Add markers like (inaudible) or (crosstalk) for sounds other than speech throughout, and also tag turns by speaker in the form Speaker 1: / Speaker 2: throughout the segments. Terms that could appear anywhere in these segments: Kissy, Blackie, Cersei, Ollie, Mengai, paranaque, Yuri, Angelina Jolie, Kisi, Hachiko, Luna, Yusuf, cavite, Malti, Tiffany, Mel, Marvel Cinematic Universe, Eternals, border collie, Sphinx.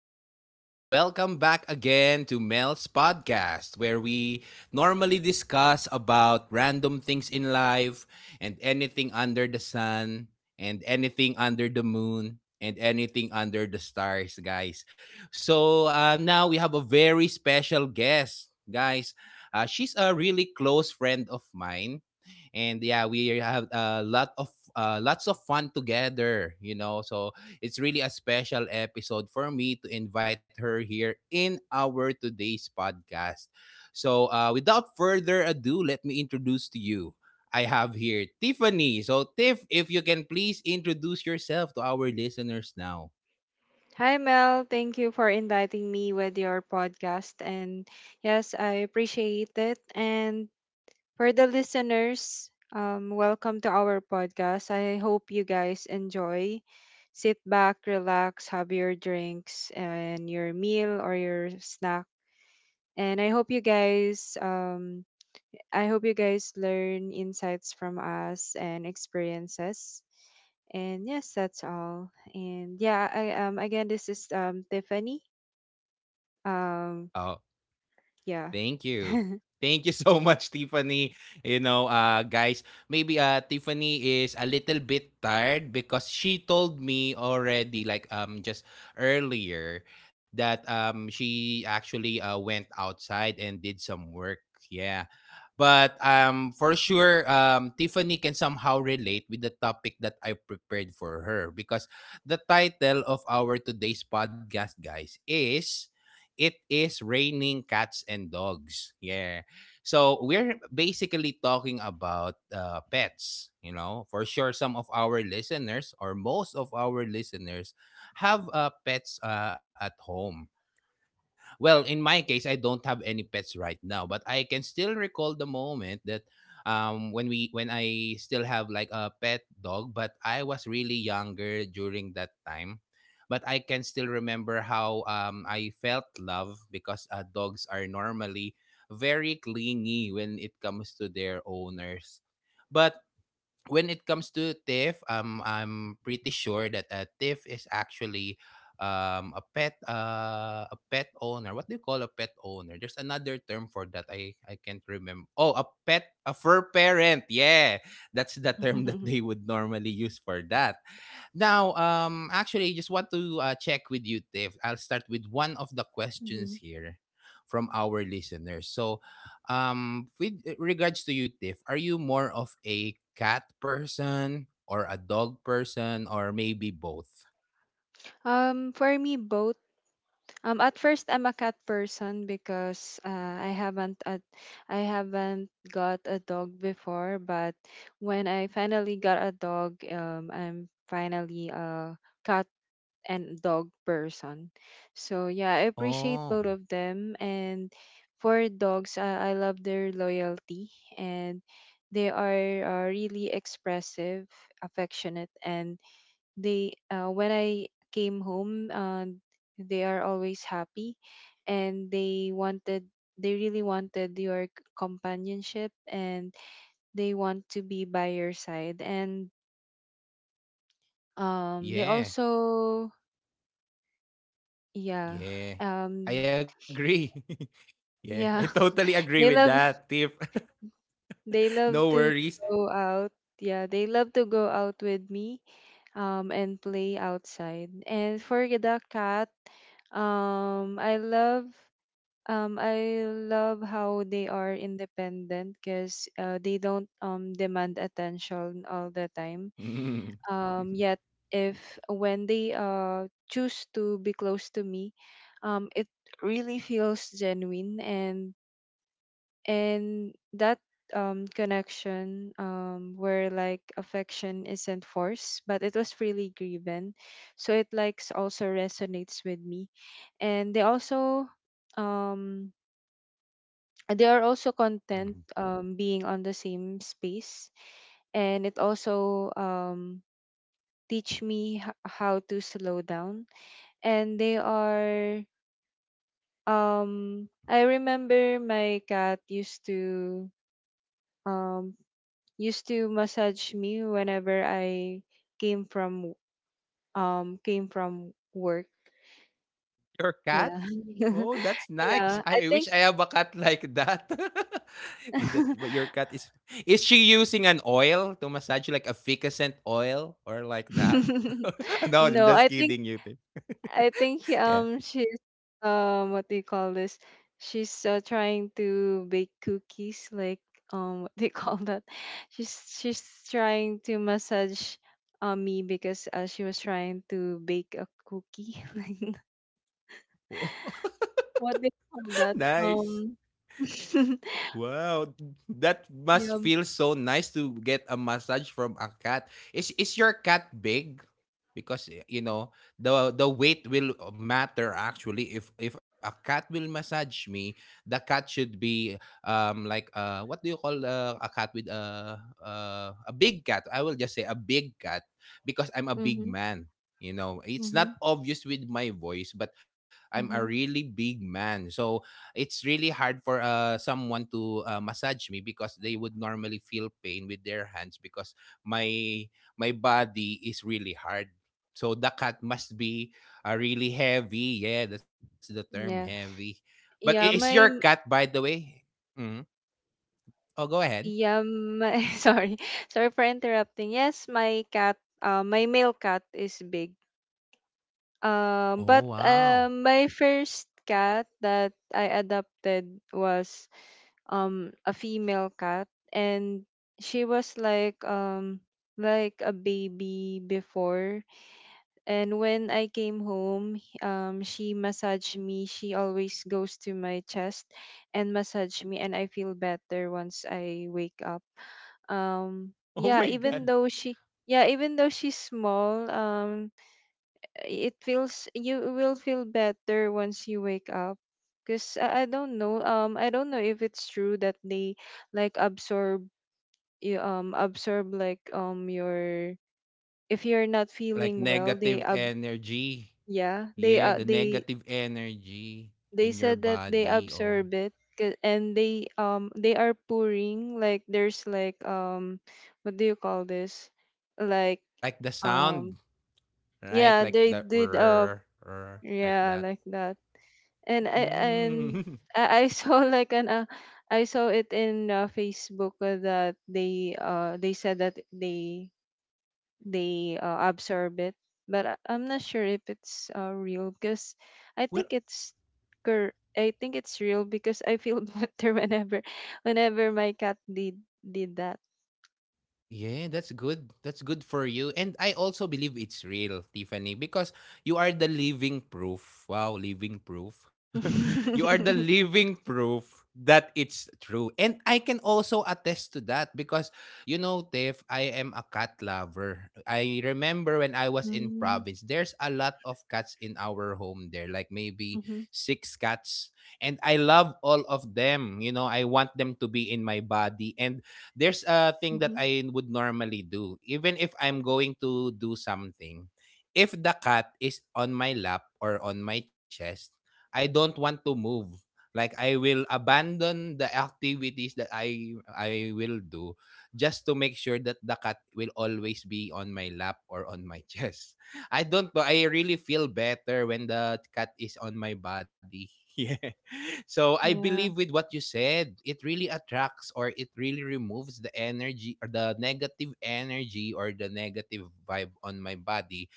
Speaker 1: everyone, and welcome back again to Mel's podcast, where we normally discuss about random things in life and anything under the sun, and anything under the moon, and anything under the stars, guys. So now we have a very special guest, guys. She's a really close friend of mine, and yeah, we have a lot of lots of fun together. So it's really a special episode for me to invite her here in our today's podcast. So without further ado, let me introduce to you, I have here Tiffany. So Tiff, if you can please introduce yourself to our listeners now.
Speaker 2: Hi, Mel. Thank you for inviting me with your podcast. And yes, I appreciate it. And for the listeners, welcome to our podcast. I hope you guys enjoy. Sit back, relax, have your drinks and your meal or your snack. And I hope you guys learn insights from us and experiences. And yes, that's all. And yeah, I again, this is Tiffany, um,
Speaker 1: Uh,
Speaker 2: yeah.
Speaker 1: Thank you.
Speaker 2: (laughs)
Speaker 1: Thank you so much, (laughs) Tiffany. You know, guys, maybe Tiffany is a little bit tired because she told me already, like, just earlier, that she actually went outside and did some work. Yeah, but for sure, Tiffany can somehow relate with the topic that I prepared for her because the title of our today's podcast, guys, is, it is raining cats and dogs. Yeah. So we're basically talking about pets. You know, for sure, some of our listeners or most of our listeners have pets at home. Well, in my case, I don't have any pets right now, but I can still recall the moment that, when I still have like a pet dog, but I was really younger during that time. But I can still remember how I felt love because dogs are normally very clingy when it comes to their owners. But when it comes to Tiff, I'm pretty sure that Tiff is actually a pet owner. What do you call a pet owner? There's another term for that. I can't remember. Oh, a fur parent. Yeah, that's the term that they would normally use for that. Now, actually, just want to check with you, Tiff. I'll start with one of the questions
Speaker 2: Mhm.
Speaker 1: here from our listeners. So, with regards to you, Tiff, are you more of a cat person or a dog person or maybe both?
Speaker 2: For me, both. At first, I'm a cat person because I haven't got a dog before. But when I finally got a dog, I'm finally a cat and dog person. So yeah, I
Speaker 1: Oh,
Speaker 2: appreciate both of them. And for dogs, I love their loyalty, and they are really expressive, affectionate, and they when I came home, they are always happy, and they really wanted your companionship, and they want to be by your side. And they
Speaker 1: yeah,
Speaker 2: also. yeah
Speaker 1: yeah, I
Speaker 2: um
Speaker 1: agree. (laughs) Yeah, I
Speaker 2: Yeah,
Speaker 1: totally agree with
Speaker 2: (laughs) they
Speaker 1: that,
Speaker 2: love
Speaker 1: Tiff. (laughs)
Speaker 2: they
Speaker 1: No
Speaker 2: love to
Speaker 1: worries.
Speaker 2: go out. Yeah, they love to go out with me and play outside. And for the cat, um I love I love how they are independent because they don't demand attention all the time.
Speaker 1: Mm.
Speaker 2: Yet, if when they choose to be close to me, it really feels genuine, and that connection, where, like, affection isn't forced but it was really given, so it likes also resonates with me. And um they are also content,
Speaker 1: (laughs)
Speaker 2: being on the same space. And it also teach me how to slow down. And they are I remember my cat used to um massage me whenever I came from came from work.
Speaker 1: Your cat?
Speaker 2: Yeah.
Speaker 1: Oh,
Speaker 2: (laughs)
Speaker 1: that's nice. I
Speaker 2: Yeah,
Speaker 1: wish
Speaker 2: I
Speaker 1: I have
Speaker 2: think.
Speaker 1: a cat like that. (laughs) That, but your cat
Speaker 2: (laughs)
Speaker 1: is she using an oil to massage you, like a ficacent oil or like that? (laughs) No, I'm
Speaker 2: No,
Speaker 1: just
Speaker 2: I think
Speaker 1: kidding you, Tim.
Speaker 2: I think
Speaker 1: (laughs) Yeah.
Speaker 2: um she's, what do you call this? She's trying to bake cookies, like, what do you (laughs) call that? She's trying to massage, me, because she was trying to bake a cookie. (laughs) What do call
Speaker 1: (laughs)
Speaker 2: that?
Speaker 1: Nice.
Speaker 2: (laughs)
Speaker 1: Wow, that must
Speaker 2: Yeah.
Speaker 1: feel so nice to get a massage from a cat. Is your cat big? Because, you know, the weight will matter, actually. If a cat will massage me, the cat should be like what do you call a cat with a big cat? I will just say a big cat because I'm a big
Speaker 2: Mm-hmm.
Speaker 1: man. You know, it's
Speaker 2: Mm-hmm.
Speaker 1: not obvious with my voice, but I'm a
Speaker 2: Mm-hmm.
Speaker 1: really big man. So it's really hard for someone to massage me because they would normally feel pain with their hands, because my body is really hard, so the cat must be really heavy. Yeah, that's the term,
Speaker 2: Yeah.
Speaker 1: heavy. But is your
Speaker 2: Yeah.
Speaker 1: cat,
Speaker 2: My
Speaker 1: by the way? Hmm. Oh, go ahead.
Speaker 2: Yeah. (laughs) Sorry. Sorry for interrupting. Yes, my cat. My male cat is big.
Speaker 1: Oh,
Speaker 2: But,
Speaker 1: wow. (laughs)
Speaker 2: my first cat that I adopted was a female cat, and she was like a baby before. And when I came home, she massaged me. She always goes to my chest and massage me, and I feel better once I wake up.
Speaker 1: Oh my
Speaker 2: Yeah,
Speaker 1: god.
Speaker 2: even though she's small, it feels you will feel better once you wake up. Cause I don't know, if it's true that they, like, absorb, you absorb like your if you're not
Speaker 1: Like
Speaker 2: feeling well, they
Speaker 1: negative
Speaker 2: ab
Speaker 1: energy.
Speaker 2: yeah,
Speaker 1: Yeah, the negative energy
Speaker 2: they
Speaker 1: in your
Speaker 2: said that they
Speaker 1: body. Oh,
Speaker 2: observe it, and they are pouring, like, there's like, what do you call this? Like,
Speaker 1: like the
Speaker 2: um
Speaker 1: sound. Right?
Speaker 2: yeah,
Speaker 1: Like
Speaker 2: they
Speaker 1: the
Speaker 2: did,
Speaker 1: rrr, rrr, like
Speaker 2: yeah,
Speaker 1: that.
Speaker 2: like that. And
Speaker 1: Mm.
Speaker 2: I (laughs) saw like an I saw it in Facebook, that they said that they absorb it. But I'm not sure if it's real, because I
Speaker 1: (laughs) Where.
Speaker 2: think it's I think it's real, because I feel (laughs) better whenever my cat did that.
Speaker 1: Yeah, that's good. That's good for you. And I also believe it's real, Tiffany, because you are the living proof. Wow, living proof. (laughs) You are the
Speaker 2: (laughs)
Speaker 1: living proof that it's true. And I can also attest to that because, you know, Tiff, I am a cat lover. I remember when I was in
Speaker 2: Mm.
Speaker 1: province, there's a lot of cats in our home there, like maybe
Speaker 2: Mhm,
Speaker 1: six cats. And I love all of them. You know, I want them to be in my body. And there's a thing that
Speaker 2: mhm.
Speaker 1: I would normally do. Even if I'm going to do something, if the cat is on my lap or on my chest, I don't want to move. Like, I will abandon the activities that I will do just to make sure that the cat will always be on my lap or on my (laughs) chest. I don't know. I really feel better when the cat is on my body. (laughs) Yeah. So I believe,
Speaker 2: Yeah.
Speaker 1: with what you said, it really attracts, or it really removes the energy or the negative energy or the negative vibe on my body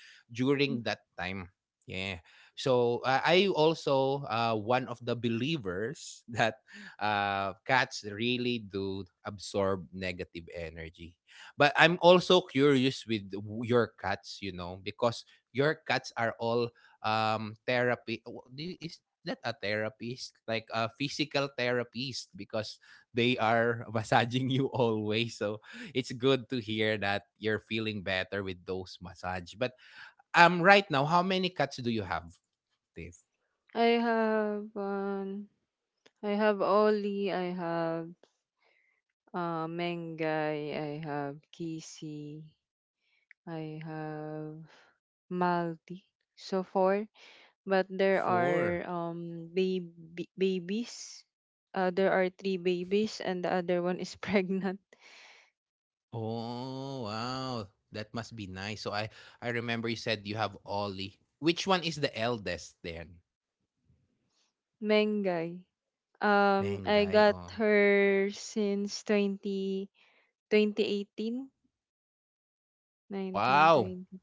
Speaker 2: Mm.
Speaker 1: during that time. Yeah. So I also, one of the believers (laughs) that cats really do absorb negative energy. But I'm also curious with your cats, you know, because your cats are all therapy, is that a therapist, like a physical therapist, because they are (laughs) massaging you always. So it's good to hear that you're feeling better with those massage. But right now, how many cats do you have, Dave?
Speaker 2: I have um I have Ollie, I have Mengai, I have Kisi, I have Malti. So four. But there
Speaker 1: Four.
Speaker 2: are baby babies. There are three babies, and the other one is (laughs) pregnant.
Speaker 1: Oh wow, that must be nice. So I remember you said you have Ollie. Which one is the eldest then?
Speaker 2: Mengay. I
Speaker 1: Mengay.
Speaker 2: got
Speaker 1: Oh,
Speaker 2: her since twenty, twenty eighteen, nineteen,
Speaker 1: wow.
Speaker 2: twenty,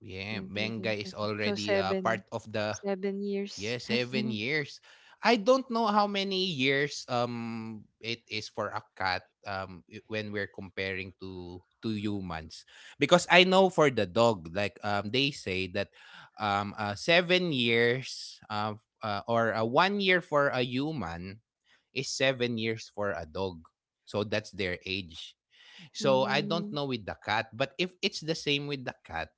Speaker 1: Yeah,
Speaker 2: twenty three, twenty
Speaker 1: Mengay
Speaker 2: four.
Speaker 1: is
Speaker 2: So
Speaker 1: already, part of the,
Speaker 2: seven
Speaker 1: Yeah,
Speaker 2: years. (laughs)
Speaker 1: 7 years. I don't know how many years it is for a cat, when we're comparing to humans, because I know for the dog, like, they say that, 7 years, or 1 year for a human is 7 years for a dog. So that's their age. So I don't
Speaker 2: Mm,
Speaker 1: know with the cat, but if it's the same with the cat,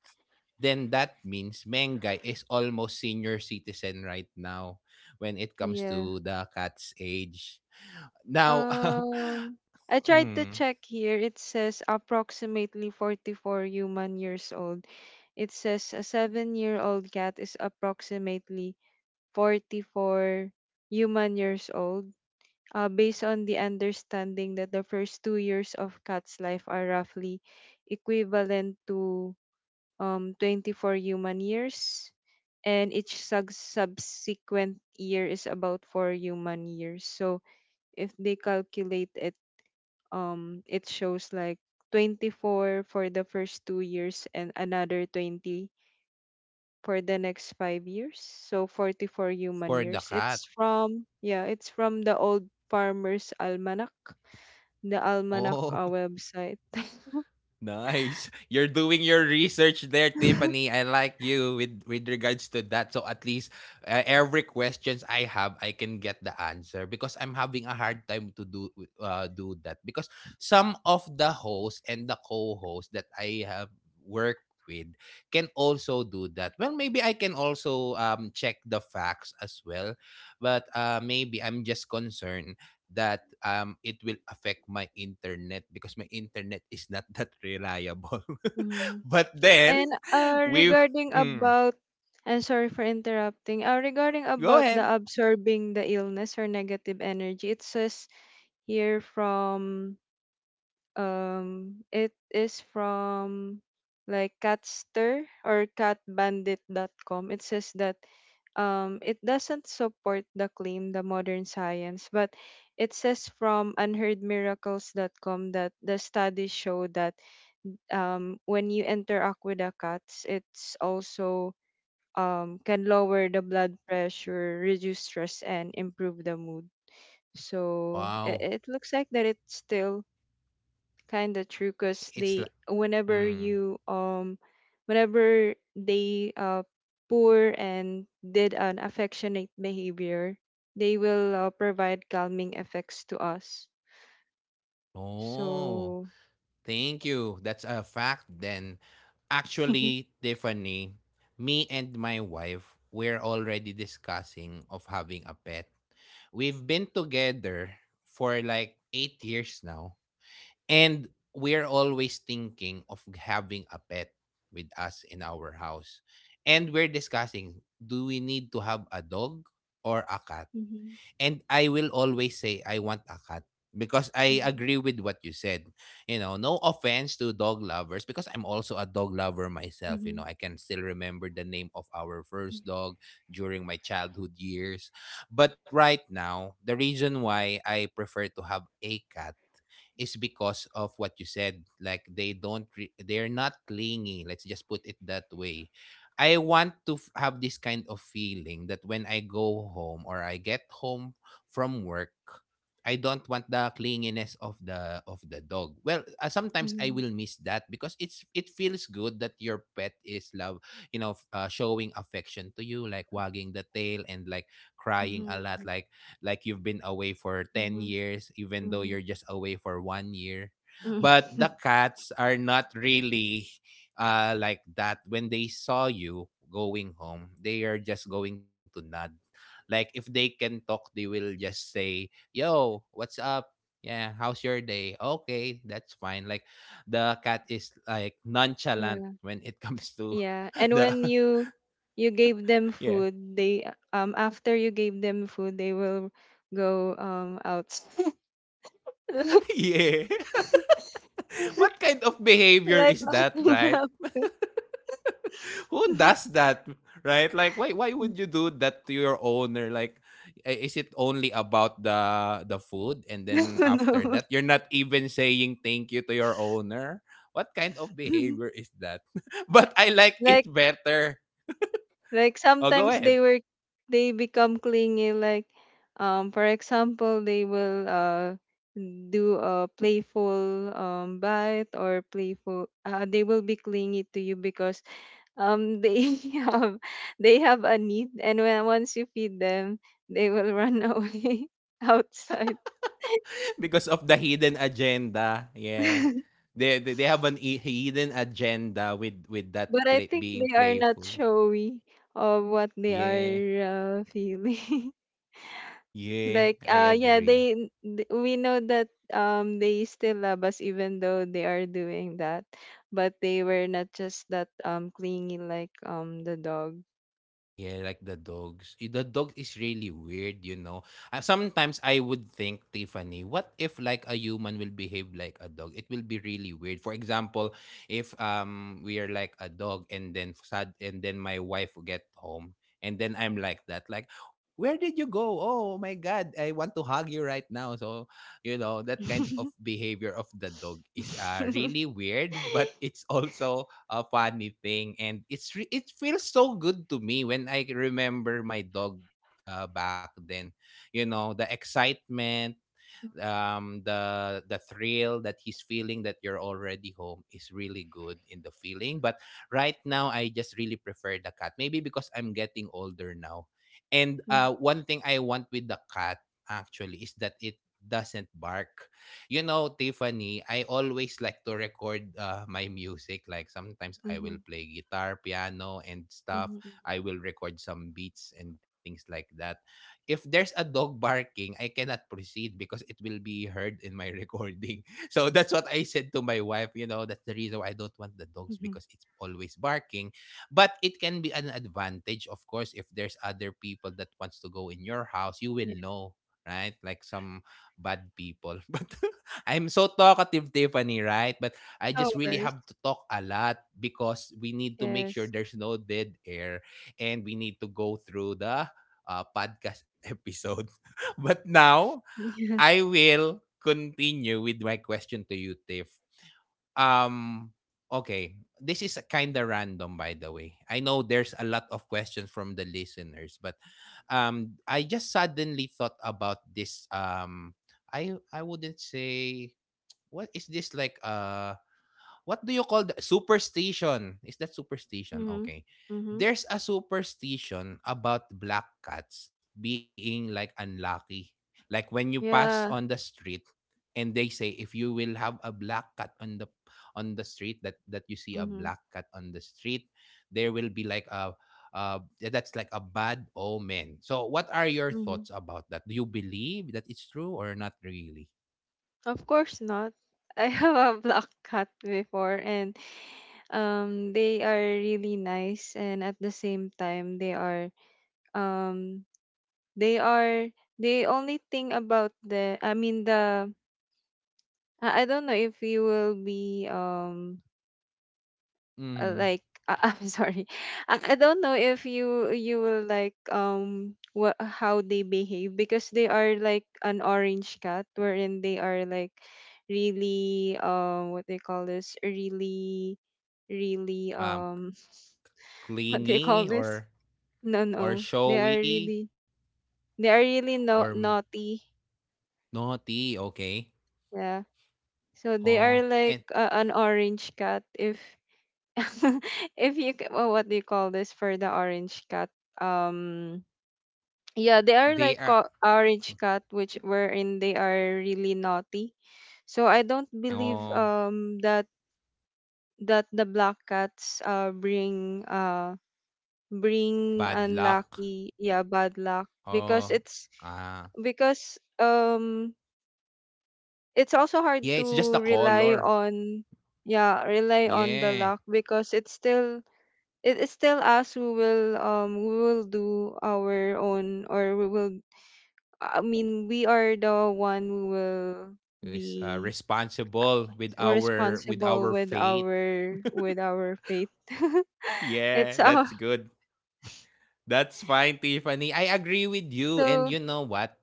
Speaker 1: then that means Mengay is almost senior citizen right now when it comes
Speaker 2: yeah.
Speaker 1: to the cat's age. Now,
Speaker 2: Um, I
Speaker 1: (laughs)
Speaker 2: tried to
Speaker 1: hmm,
Speaker 2: check here. It says approximately 44 human years old. It says a 7-year old cat is approximately 44 human years old, based on the understanding that the first 2 years of cat's life are roughly equivalent to, 24 human years, and each subsequent year is about 4 human years. So if they calculate it, it shows like 24 for the first 2 years, and another 20 for the next 5 years, so 44 human
Speaker 1: for the
Speaker 2: years.
Speaker 1: cat.
Speaker 2: It's from the old Farmers Almanac, the Almanac
Speaker 1: Oh,
Speaker 2: website.
Speaker 1: nice. You're doing your research there, Tiffany. I like you with, regards to that. So at least, every questions I have, I can get the answer, because I'm having a hard time to do, that, because some of the hosts and the co-hosts that I have worked with can also do that. Well, maybe I can also check the facts as well, but maybe I'm just concerned that it will affect my internet because my internet is not that reliable. (laughs)
Speaker 2: Mhm.
Speaker 1: But then
Speaker 2: and uh
Speaker 1: we,
Speaker 2: regarding
Speaker 1: mm,
Speaker 2: about and, sorry for interrupting, regarding
Speaker 1: go
Speaker 2: about the
Speaker 1: ahead.
Speaker 2: absorbing the illness or negative energy, it says here from, it is from, like, Catster or dot com. It says that, it doesn't support the claim, the modern science, but it says from dot com that the studies show that, when you interact with the cats, it's also, can lower the blood pressure, reduce stress, and improve the mood. So
Speaker 1: Wow.
Speaker 2: it looks like that it's still kind of true, because
Speaker 1: It's
Speaker 2: they
Speaker 1: like,
Speaker 2: whenever
Speaker 1: mm,
Speaker 2: you whenever they poor and did an affectionate behavior, they will provide calming effects to us,
Speaker 1: oh,
Speaker 2: so. (laughs)
Speaker 1: thank you. That's a fact then. Actually, Tiffany, me and my wife, we're already discussing of having a pet. We've been together for like 8 years now. And we're always thinking of having a pet with us in our house. And we're discussing, do we need to have a dog or a cat?
Speaker 2: Mhm,
Speaker 1: And I will always say I want a cat because I
Speaker 2: mhm,
Speaker 1: agree with what you said. You know, no offense to dog lovers, because I'm also a dog lover myself. You know,
Speaker 2: mhm,
Speaker 1: I can still remember the name of our first dog during my childhood years. But right now, the reason why I prefer to have a cat is because of what you said. Like they don't, they're not clingy. Let's just put it that way. I want to have this kind of feeling that when I go home or I get home from work, I don't want the clinginess of the dog. Well, sometimes I
Speaker 2: mhm,
Speaker 1: will miss that, because it's, it feels good that your pet is love, showing affection to you, like wagging the tail and like crying a lot,
Speaker 2: mhm,
Speaker 1: like, you've been away for 10
Speaker 2: mhm,
Speaker 1: years, even
Speaker 2: mhm,
Speaker 1: though
Speaker 2: mhm.
Speaker 1: you're just away for 1 year.
Speaker 2: Mhm.
Speaker 1: But the
Speaker 2: (laughs)
Speaker 1: cats are not really like that. When they saw you going home, they are just going to nod. Like, if they can talk, they will just say, "Yo, what's up? Yeah, how's your day? Okay, that's fine." Like, the cat is like nonchalant
Speaker 2: Yeah,
Speaker 1: when it comes to
Speaker 2: yeah,
Speaker 1: (laughs)
Speaker 2: and
Speaker 1: the,
Speaker 2: when you gave them
Speaker 1: (laughs) yeah.
Speaker 2: food, they after you gave them food, they will go, out.
Speaker 1: (laughs)
Speaker 2: (laughs)
Speaker 1: Yeah. (laughs) What
Speaker 2: (laughs)
Speaker 1: kind of behavior
Speaker 2: Like,
Speaker 1: is that,
Speaker 2: laughing
Speaker 1: right?
Speaker 2: up.
Speaker 1: Who
Speaker 2: (laughs)
Speaker 1: does that? Right? Like, why would you do that to your owner? Like, is it only about the, food, and
Speaker 2: No,
Speaker 1: then after
Speaker 2: no.
Speaker 1: that you're not even saying thank you to your owner? What kind of behavior
Speaker 2: (laughs)
Speaker 1: is that? (laughs) But I like it
Speaker 2: like
Speaker 1: better.
Speaker 2: like
Speaker 1: Oh, go
Speaker 2: sometimes,
Speaker 1: ahead.
Speaker 2: they become clingy. Like, for example, they will do a playful bite or playful. They will be clingy to you, because they (laughs) have, they have a need, and when once you feed them, they will run away (laughs) outside.
Speaker 1: Because of the hidden agenda. Yeah,
Speaker 2: (laughs)
Speaker 1: they have an hidden agenda with, that
Speaker 2: But I
Speaker 1: play,
Speaker 2: think
Speaker 1: being
Speaker 2: they are not
Speaker 1: playful.
Speaker 2: showy of what they
Speaker 1: Yeah,
Speaker 2: are, feeling. (laughs)
Speaker 1: yeah,
Speaker 2: Like,
Speaker 1: I
Speaker 2: yeah,
Speaker 1: agree.
Speaker 2: we know that they still love us, even though they are doing that, but they were not just that clingy, like, the dog.
Speaker 1: Yeah, like the dogs. The dog is really weird. Sometimes I would think, Tiffany, what if like a human will behave like a dog? It will be really weird. For example, if we are like a dog and then sad and then my wife will get home and then I'm like that, like, where did you go? Oh my god, I want to hug you right now. So, that kind of
Speaker 2: (laughs)
Speaker 1: behavior of the dog is really weird, (laughs) but it's also a funny thing and it feels so good to me when I remember my dog back then, you know, the excitement, the thrill that he's feeling that you're already home is really good in the feeling. But right now, I just really prefer the cat. Maybe because I'm getting older now. And
Speaker 2: Mm,
Speaker 1: one thing I want with the cat actually is that it doesn't bark. You know, Tiffany, I always like to record my music. Like sometimes I will
Speaker 2: mhm,
Speaker 1: play guitar, piano, and stuff.
Speaker 2: mhm,
Speaker 1: I will record some beats and things like that. If there's a dog barking, I cannot proceed because it will be heard in my (laughs) recording. So that's what I said to my wife. You know, that's the reason why I don't want the dogs
Speaker 2: mhm.
Speaker 1: because it's always barking. But it can be an advantage, of course, if there's other people that wants to go in your house, you will
Speaker 2: Yeah.
Speaker 1: know, right? Like some bad people. (laughs) But I'm so talkative, Tiffany, right? But I
Speaker 2: No
Speaker 1: just really
Speaker 2: worries.
Speaker 1: have to talk a lot because we need to make sure
Speaker 2: Yes.
Speaker 1: there's no dead air, and we need to go through the podcast episode. (laughs) But now
Speaker 2: (laughs) Yeah.
Speaker 1: I will continue with my question to you, Tiff. Um, okay, this is kind of random, by the way. I know there's a lot of questions from the listeners, but I just suddenly thought about this. I wouldn't say what is this like. What do you call the superstition? Is that superstition?
Speaker 2: Mm-hmm.
Speaker 1: Okay.
Speaker 2: Mm-hmm.
Speaker 1: There's a superstition about black cats being like unlucky. Like when you pass
Speaker 2: Yeah.
Speaker 1: on the street, and they say if you will have a black cat on the street, that you see a
Speaker 2: Mm-hmm.
Speaker 1: black cat on the street, there will be like a, uh, that's like a bad omen. So, what are your thoughts about that? Do you believe that it's true or not really?
Speaker 2: Of course not. (laughs) I have a black cat before, and they are really nice, and at the same time they are, um they are, the only thing about the, I mean, the, I don't know if you will be,
Speaker 1: Hmm.
Speaker 2: like, (laughs) I'm sorry. I don't know if you will like, what how they behave, because they are like an orange cat, wherein they are, like, really, what they call this, really, really
Speaker 1: Um,
Speaker 2: um (laughs) what they call
Speaker 1: clingy
Speaker 2: this, no,
Speaker 1: or
Speaker 2: no,
Speaker 1: showy
Speaker 2: they are really,
Speaker 1: or
Speaker 2: no naughty,
Speaker 1: naughty, okay?
Speaker 2: yeah. So they
Speaker 1: Oh,
Speaker 2: are
Speaker 1: and
Speaker 2: like, an orange cat, if, (laughs) if you ca- well, what do you call this for the orange cat, um yeah, they are
Speaker 1: they
Speaker 2: like,
Speaker 1: are, hmm,
Speaker 2: orange cat, which wherein they are really naughty. So I don't believe,
Speaker 1: oh,
Speaker 2: that the black cats bring, bring
Speaker 1: bad luck.
Speaker 2: unlucky yeah bad luck,
Speaker 1: Oh,
Speaker 2: because it's
Speaker 1: ah.
Speaker 2: because, it's also hard
Speaker 1: Yeah, it's just the
Speaker 2: to rely
Speaker 1: color.
Speaker 2: on, yeah rely on the
Speaker 1: Yeah.
Speaker 2: luck, because it is still us who will, we will do our own, or we will I mean, we are the one who will
Speaker 1: Is,
Speaker 2: be
Speaker 1: responsible with
Speaker 2: responsible
Speaker 1: our
Speaker 2: with
Speaker 1: fate.
Speaker 2: our, faith. (laughs)
Speaker 1: Yeah,
Speaker 2: It's our.
Speaker 1: that's good. That's fine, Tiffany. I agree with you. And
Speaker 2: So.
Speaker 1: you know what?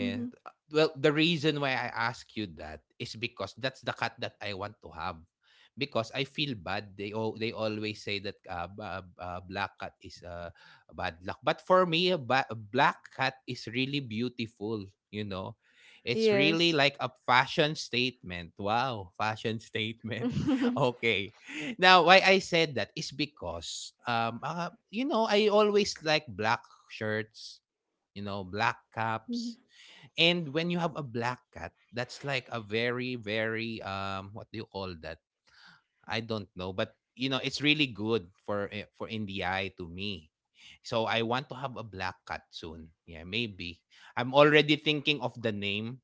Speaker 2: Hmm.
Speaker 1: Well, the reason why I ask you that is because that's the cut that I want to have. Because I feel bad. They always say that black cat is bad luck. But for me, a black cat is really beautiful. You know, it's really
Speaker 2: Yes.
Speaker 1: like a fashion statement. Wow, fashion statement. (laughs)
Speaker 2: (laughs)
Speaker 1: Okay. Now, why I said that is because you know, I always like black shirts. You know, black caps. And when you have a black cat, that's like a very, very what do you call that? I don't know, but you know, it's really good for eh, for in the eye to me. So I want to have a black cat soon. Yeah, maybe. I'm already thinking of the name.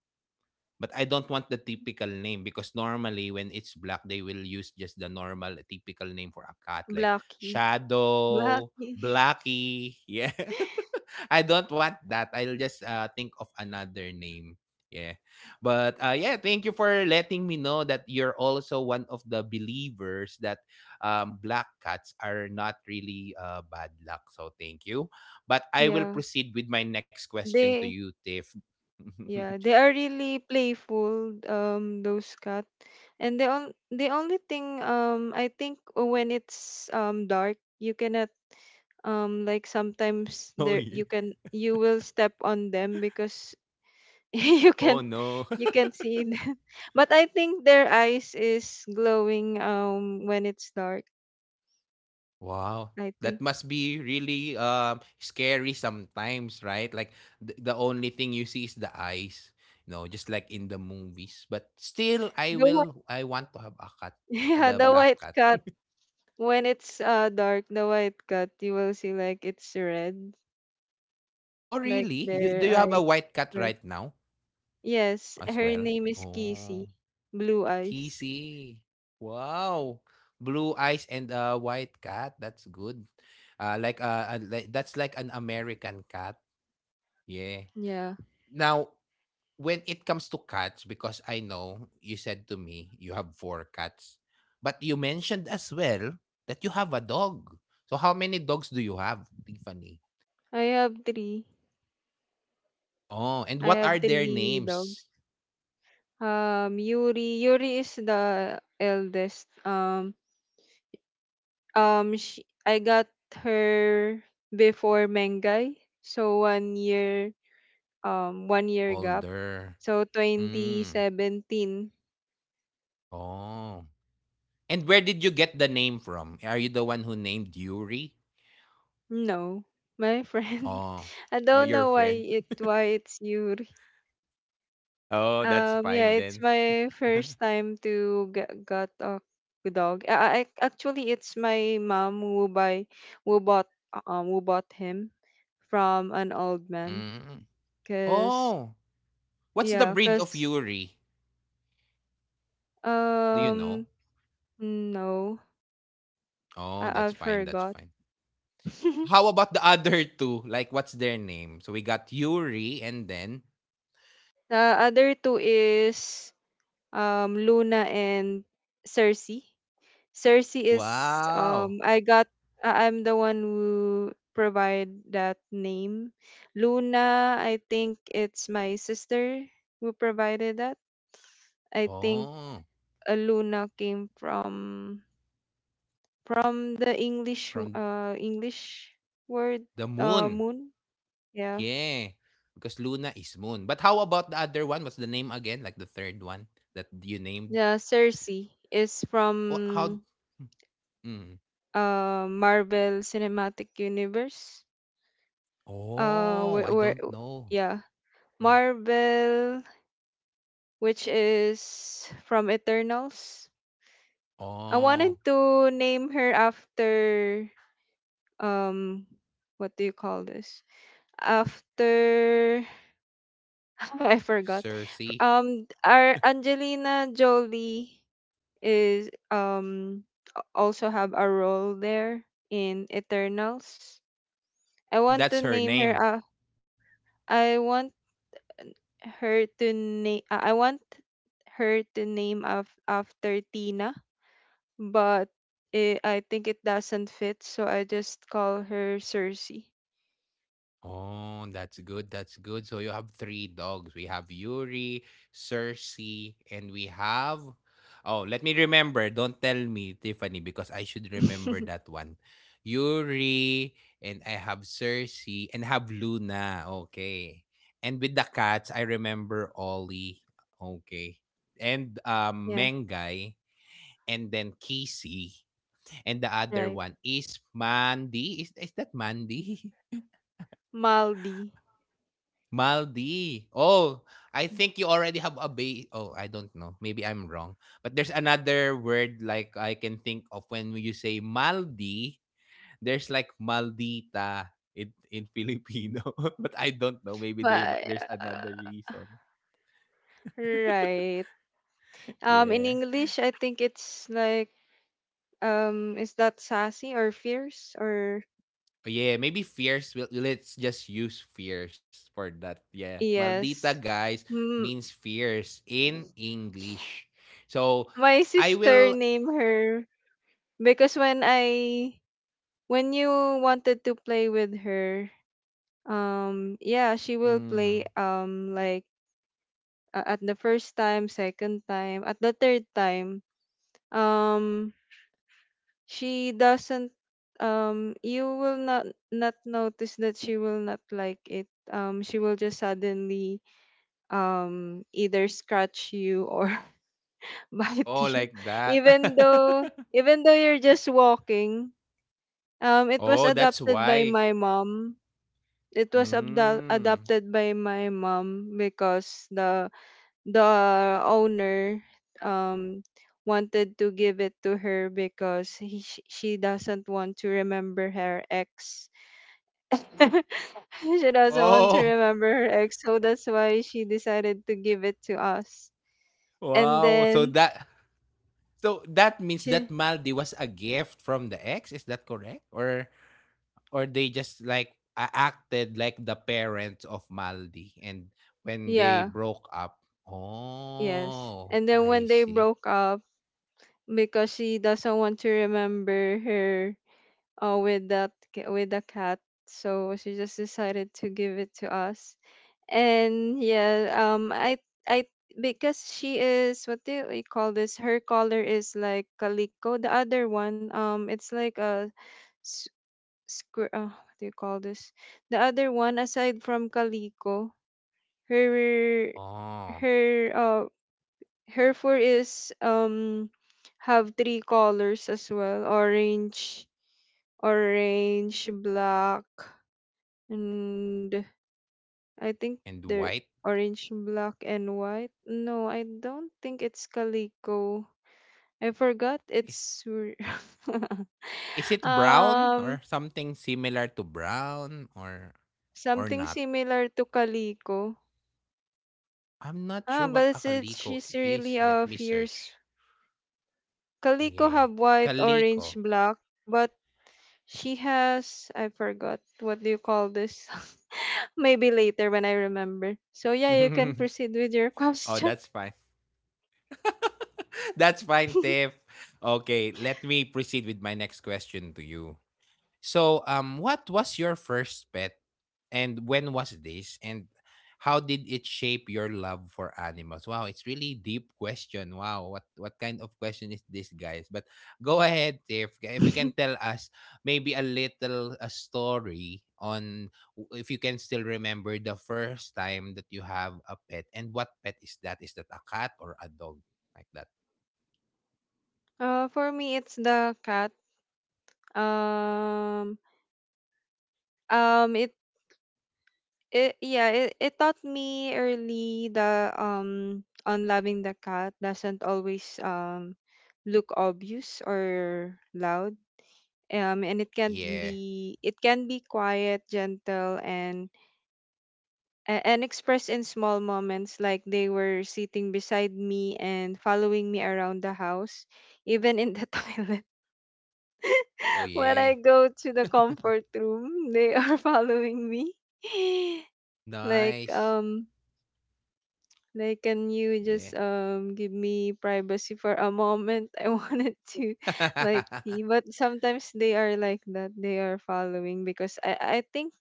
Speaker 1: But I don't want the typical name because normally when it's black, they will use just the normal typical name for a cat like
Speaker 2: Blackie,
Speaker 1: Shadow,
Speaker 2: Blackie.
Speaker 1: Blackie. Yeah. (laughs) I don't want that. I'll just think of another name. Yeah. But yeah, thank you for letting me know that you're also one of the believers that black cats are not really bad luck. So thank you. But I will
Speaker 2: Yeah,
Speaker 1: proceed with my next question to
Speaker 2: they
Speaker 1: you, Tiff. (laughs)
Speaker 2: yeah they are really playful. Those cats, and the only thing, I think when it's, dark, you cannot, like, sometimes
Speaker 1: Oh,
Speaker 2: there,
Speaker 1: yeah.
Speaker 2: you will step on them, because (laughs) you
Speaker 1: Oh
Speaker 2: can
Speaker 1: no.
Speaker 2: you can
Speaker 1: (laughs)
Speaker 2: see them. (laughs) But I think their eyes is glowing, when it's dark,
Speaker 1: Wow.
Speaker 2: I
Speaker 1: That
Speaker 2: think.
Speaker 1: must be really scary sometimes, right? Like the only thing you see is the eyes, you know, just like in the movies. But still, I
Speaker 2: The white,
Speaker 1: will. I want to have a cat,
Speaker 2: (laughs) yeah,
Speaker 1: the
Speaker 2: the
Speaker 1: black
Speaker 2: white
Speaker 1: cat.
Speaker 2: cat when it's dark, the white cat you will see, like, it's red,
Speaker 1: Oh,
Speaker 2: like
Speaker 1: really? You, do you
Speaker 2: their
Speaker 1: have a
Speaker 2: eyes,
Speaker 1: white cat
Speaker 2: like,
Speaker 1: right now
Speaker 2: yes,
Speaker 1: as
Speaker 2: her
Speaker 1: well?
Speaker 2: name is
Speaker 1: Oh,
Speaker 2: Kissy, blue eyes.
Speaker 1: Kissy. Wow, blue eyes and a white cat. That's good. That's like an American cat. Yeah.
Speaker 2: Yeah.
Speaker 1: Now, when it comes to cats, because I know you said to me you have four cats, but you mentioned as well that you have a dog. So how many dogs do you have, Tiffany?
Speaker 2: I have three.
Speaker 1: Oh, and
Speaker 2: I
Speaker 1: what
Speaker 2: have
Speaker 1: are their
Speaker 2: three
Speaker 1: names?
Speaker 2: dogs. Yuri. Yuri is the eldest. She, I got her before Mengai, so 1 year, 1 year gap.
Speaker 1: Older.
Speaker 2: So
Speaker 1: Mm.
Speaker 2: 2017.
Speaker 1: Oh. And where did you get the name from? Are you the one who named Yuri?
Speaker 2: No, my friend.
Speaker 1: Oh,
Speaker 2: (laughs) I
Speaker 1: well,
Speaker 2: don't
Speaker 1: your
Speaker 2: know why
Speaker 1: friend.
Speaker 2: it why it's Yuri.
Speaker 1: (laughs) Oh, that's
Speaker 2: Yeah,
Speaker 1: fine
Speaker 2: it's
Speaker 1: then.
Speaker 2: my
Speaker 1: (laughs)
Speaker 2: first time to get got a dog. Actually, it's my mom who buy who bought who bought him from an old man.
Speaker 1: Mm.
Speaker 2: Cause
Speaker 1: Oh, what's the
Speaker 2: yeah,
Speaker 1: breed of
Speaker 2: cause
Speaker 1: Yuri? Do you know?
Speaker 2: Um, no,
Speaker 1: Oh,
Speaker 2: I
Speaker 1: that's fine. That's
Speaker 2: forgot.
Speaker 1: fine. How
Speaker 2: (laughs)
Speaker 1: about the other two? Like, what's their name? So we got Yuri and then,
Speaker 2: The other two is Luna and Cersei. Cersei is,
Speaker 1: wow.
Speaker 2: I'm the one who provide that name. Luna, I think it's my sister who provided that. I think
Speaker 1: Oh,
Speaker 2: Luna came from, the
Speaker 1: from
Speaker 2: English word
Speaker 1: the moon.
Speaker 2: moon. Yeah
Speaker 1: Yeah. Because Luna is moon. But how about the other one? What's the name again? Like the third one that you named?
Speaker 2: Yeah, Cersei is
Speaker 1: Oh, how?
Speaker 2: from,
Speaker 1: Mm.
Speaker 2: Marvel Cinematic Universe. Uh
Speaker 1: Oh, I
Speaker 2: where, where
Speaker 1: don't know.
Speaker 2: yeah,
Speaker 1: Mm.
Speaker 2: Marvel, which is from Eternals. I wanted
Speaker 1: Oh,
Speaker 2: to name her after, um what do you call this? After, (laughs) I forgot.
Speaker 1: Cersei.
Speaker 2: Our Angelina Jolie is also have a role there in Eternals. I
Speaker 1: And
Speaker 2: want to
Speaker 1: that's her
Speaker 2: name her
Speaker 1: name.
Speaker 2: I want I want her to name after Tina, but I think it doesn't fit, so I just call her Cersei.
Speaker 1: Oh, that's good. That's good. So you have three dogs. We have Yuri, Cersei, and we have. Oh, let me remember. Don't tell me, Tiffany, because I should remember
Speaker 2: (laughs)
Speaker 1: that one. Yuri, and I have Cersei, and have Luna. Okay. And with the cats, I remember Ollie. Okay. And
Speaker 2: Yeah,
Speaker 1: Mengai, and then Kisi. And the other
Speaker 2: right.
Speaker 1: one is Mandy. Is that Mandy? (laughs)
Speaker 2: Maldi.
Speaker 1: Maldi. Oh, I think you already have oh, I don't know. Maybe I'm wrong. But there's another word like I can think of when you say Maldi, there's like Maldita in Filipino. (laughs) But I don't know. Maybe there's
Speaker 2: But
Speaker 1: another
Speaker 2: uh,
Speaker 1: reason.
Speaker 2: right. In
Speaker 1: Yeah.
Speaker 2: English, I think it's like is that sassy or fierce or
Speaker 1: Oh yeah, maybe fierce. We'll, let's just use fierce for that. Yeah. Maldita
Speaker 2: yes.
Speaker 1: guys means
Speaker 2: M-
Speaker 1: fierce in English. So
Speaker 2: my
Speaker 1: I will.
Speaker 2: sister named her because when you wanted to play with her, yeah, she will
Speaker 1: Mm.
Speaker 2: play like at the first time, second time, at the third time, um she doesn't, you will not notice that she will not like it. She will just suddenly either scratch you or (laughs)
Speaker 1: Oh,
Speaker 2: bite you,
Speaker 1: like that.
Speaker 2: even though
Speaker 1: (laughs)
Speaker 2: even though you're just walking. It was
Speaker 1: Oh, that's
Speaker 2: adopted by
Speaker 1: why.
Speaker 2: my mom. It was
Speaker 1: Mm.
Speaker 2: adopted by my mom because the owner um wanted to give it to her because she doesn't want to remember her ex. (laughs) She doesn't want to
Speaker 1: Oh,
Speaker 2: remember her ex, so that's why she decided to give it to us. And
Speaker 1: wow. So
Speaker 2: then
Speaker 1: that, so that means that
Speaker 2: she,
Speaker 1: Maldi was a gift from the ex. Is that correct? Or they just like acted like the parents of Maldi, and when they
Speaker 2: yeah,
Speaker 1: broke up,
Speaker 2: yes.
Speaker 1: oh,
Speaker 2: And then when
Speaker 1: I
Speaker 2: they
Speaker 1: see.
Speaker 2: broke up, because she doesn't want to remember her with the cat, so she just decided to give it to us. And yeah, I because she is, what do we call this? Her color is like calico. The other one, it's like a, s- what do you call this? The other one, aside from calico, her
Speaker 1: Oh,
Speaker 2: her her fur is have three colors as well: orange, orange, black, and I
Speaker 1: and
Speaker 2: think
Speaker 1: white
Speaker 2: they're orange, black, and white. No, I don't think it's calico. I forgot.
Speaker 1: is
Speaker 2: (laughs)
Speaker 1: is it brown
Speaker 2: Um
Speaker 1: or something similar to brown or
Speaker 2: something
Speaker 1: not?
Speaker 2: similar to calico.
Speaker 1: I'm not sure
Speaker 2: Ah,
Speaker 1: what
Speaker 2: but
Speaker 1: a
Speaker 2: it's
Speaker 1: kaliko
Speaker 2: she's
Speaker 1: is.
Speaker 2: really
Speaker 1: Let
Speaker 2: a
Speaker 1: me search.
Speaker 2: fierce. Calico
Speaker 1: Yeah.
Speaker 2: have white,
Speaker 1: Kaliko.
Speaker 2: orange, black, but she has, I forgot what do you call this. (laughs) Maybe later when I remember.
Speaker 1: (laughs)
Speaker 2: So
Speaker 1: Oh,
Speaker 2: yeah, you can proceed with your (laughs)
Speaker 1: that's
Speaker 2: question.
Speaker 1: fine. (laughs) That's fine, Tiff. Okay, let me proceed with my next question to you. So, what was your first pet, and when was this, and how did it shape your love for animals? Wow, it's really deep question. Wow, what kind of question is this, guys? But go ahead, if you can tell us maybe a little a story on if you can still remember the first time that you have a pet, and what pet is that? Is that a cat or a dog? Like that.
Speaker 2: For me, it's the cat. Um, um, it, yeah, it taught me early, the on loving the cat doesn't always look obvious or loud. And
Speaker 1: Yeah.
Speaker 2: it can be quiet, gentle, and and expressed in small moments, like they were sitting beside me and following me around the house, even in the (laughs) toilet.
Speaker 1: Oh
Speaker 2: When
Speaker 1: yeah.
Speaker 2: I go to the comfort room, they are (laughs) following me. (laughs) Like,
Speaker 1: Nice.
Speaker 2: like can you
Speaker 1: Yeah.
Speaker 2: just give me privacy for a moment? (laughs) I wanted to (laughs) like pee.
Speaker 1: (laughs)
Speaker 2: But sometimes they are like that. They are following because I think,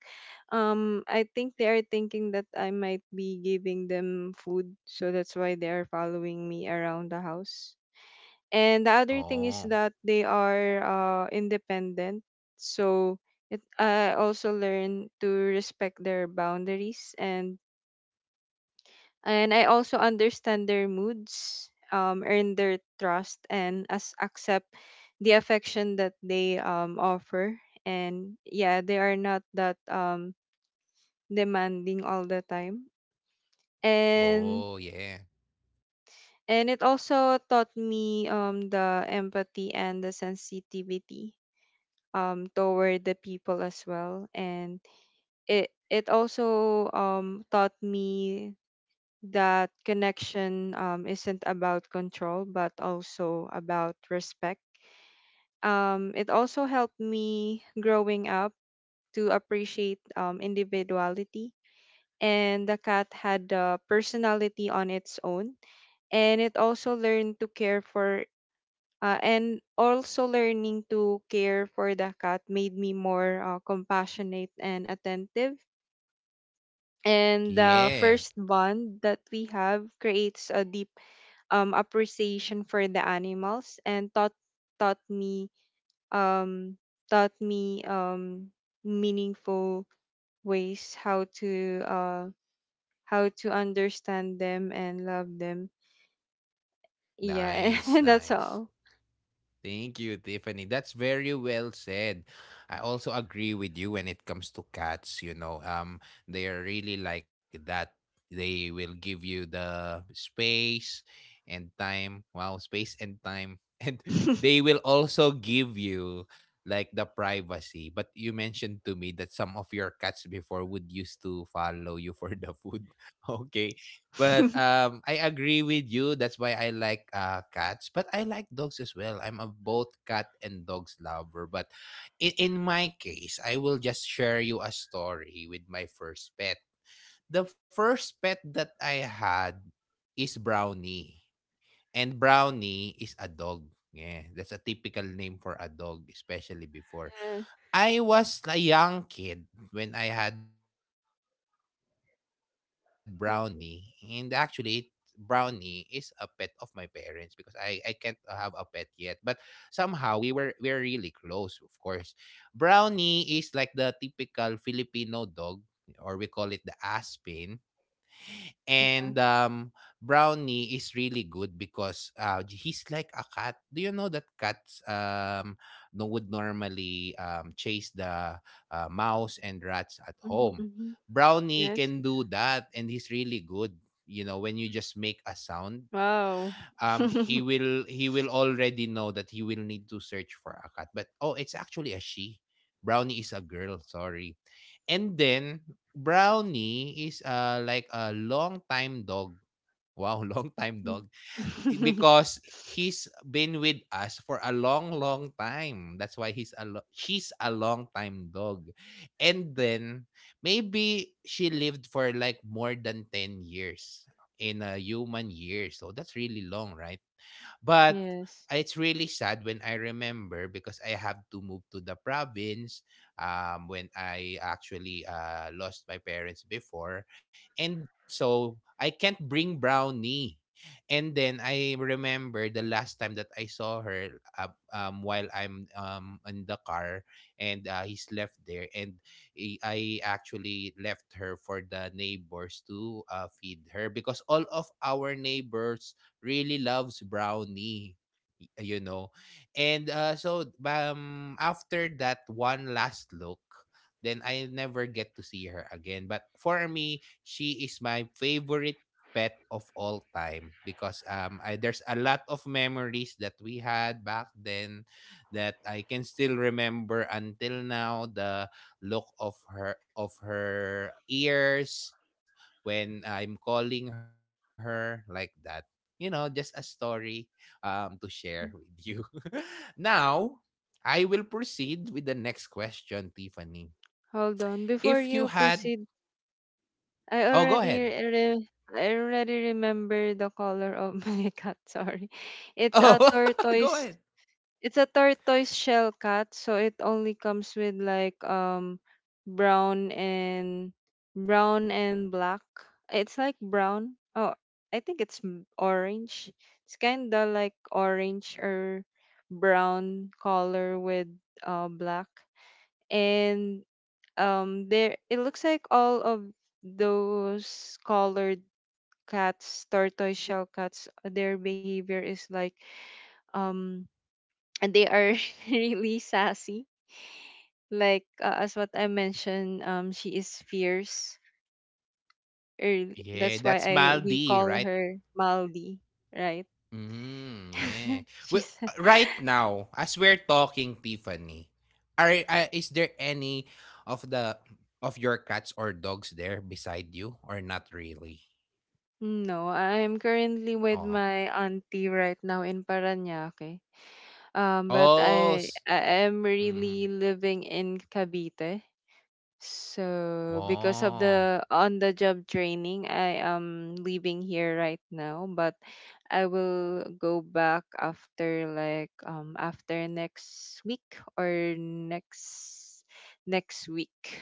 Speaker 2: I think they are thinking that I might be giving them food, so that's why they are following me around the house. And the other thing is
Speaker 1: Oh,
Speaker 2: that they are independent, so I also learn to respect their boundaries, and I also understand their moods, earn their trust, and as accept the affection that they offer. And yeah, they are not that demanding all the time. And
Speaker 1: oh, yeah.
Speaker 2: And it also taught me the empathy and the sensitivity toward the people as well. And it also taught me that connection isn't about control, but also about respect. It also helped me growing up to appreciate individuality. And the cat had a personality on its own, and it also learned to care for. And also learning to care for the cat made me more compassionate and attentive. And the
Speaker 1: Yeah.
Speaker 2: first bond that we have creates a deep appreciation for the animals and taught me um, taught me um, meaningful ways how to understand them and love them. Yeah, (laughs) and
Speaker 1: Nice,
Speaker 2: that's all.
Speaker 1: nice. Thank you, Tiffany. That's very well said. I also agree with you when it comes to cats, you know. They are really like that. They will give you the space and time. Wow, space and time. (laughs) And
Speaker 2: (laughs) Yeah.
Speaker 1: they will also give you like the privacy. But you mentioned to me that some of your cats before would used to follow you for the food. (laughs) Okay. But I agree with you. That's why I like cats, but I like dogs as well. I'm a both cat and dogs lover. But in my case, I will just share you a story with my first pet. The first pet that I had is Brownie, and Brownie is a dog. Yeah, that's a typical name for a dog, especially before. I was a young kid when I had Brownie, and actually, Brownie is
Speaker 2: Mhm.
Speaker 1: a pet of my parents because I can't have a pet yet. But somehow we're really close, of course. Brownie is like the typical Filipino dog, or we call it the Aspen. And
Speaker 2: Yeah.
Speaker 1: Brownie is really good because he's like a cat. Do you know that cats no, would normally chase the mouse and rats at
Speaker 2: Mhm,
Speaker 1: home?
Speaker 2: mhm.
Speaker 1: Brownie
Speaker 2: Yes.
Speaker 1: can do that, and he's really good. You know, when you just make a sound,
Speaker 2: Wow. (laughs)
Speaker 1: he will already know that he will need to search for a cat. But oh, it's actually a she. Brownie is a girl, sorry. And then Brownie is like a long time dog. Wow, (laughs) long time, dog. Because he's been with us for a long, long time. That's why she's a long time dog. And then maybe she lived for like more than 10 years in a human year. So that's really long, right? But
Speaker 2: Yes.
Speaker 1: it's really sad when I remember because I have to move to the province when I actually lost my parents before. And so I can't bring Brownie. And then I remember the last time that I saw her uh, while I'm in the car and he's left there. And I actually left her for the neighbors to feed her because all of our neighbors really loves brownie, y- you know. And after that one last look, then I never get to see her again. But for me, she is my favorite pet of all time because there's a lot of memories that we had back then that I can still remember until now the look of her ears when I'm calling her like that, just a story to share with you. (laughs) Now, I will proceed with the next question, Tiffany.
Speaker 2: Hold on.
Speaker 1: If
Speaker 2: Before
Speaker 1: you
Speaker 2: you
Speaker 1: had,
Speaker 2: proceed, I
Speaker 1: oh, go ahead.
Speaker 2: already re- I already remember the color of (laughs) my cat. Sorry. It's a
Speaker 1: Oh, (laughs) go
Speaker 2: tortoise
Speaker 1: ahead.
Speaker 2: It's a tortoise shell cat, so it only comes with like brown and black. It's like brown. Oh, I think orange. It's kind of like orange or brown color with black. And there it looks like all of those colored cats, tortoise shell cats, their behavior is like um and they are (laughs) really sassy, like as what I mentioned, she is fierce early.
Speaker 1: Yeah,
Speaker 2: That's why
Speaker 1: that's
Speaker 2: I we
Speaker 1: Maldi,
Speaker 2: call
Speaker 1: right?
Speaker 2: her Maldi. Right.
Speaker 1: Mm,
Speaker 2: (laughs)
Speaker 1: yeah. Well,
Speaker 2: She's
Speaker 1: right now, as we're talking, Tiffany, are is there any of the of your cats or dogs there beside you or not really?
Speaker 2: no, I'm currently with
Speaker 1: Oh,
Speaker 2: my auntie right now in Paranaque. But
Speaker 1: oh,
Speaker 2: i
Speaker 1: s-
Speaker 2: i am
Speaker 1: mhm.
Speaker 2: really living in Cavite. So because of
Speaker 1: Oh.
Speaker 2: the on the job training, I am leaving here right now, but I will go back after like after next week or next week.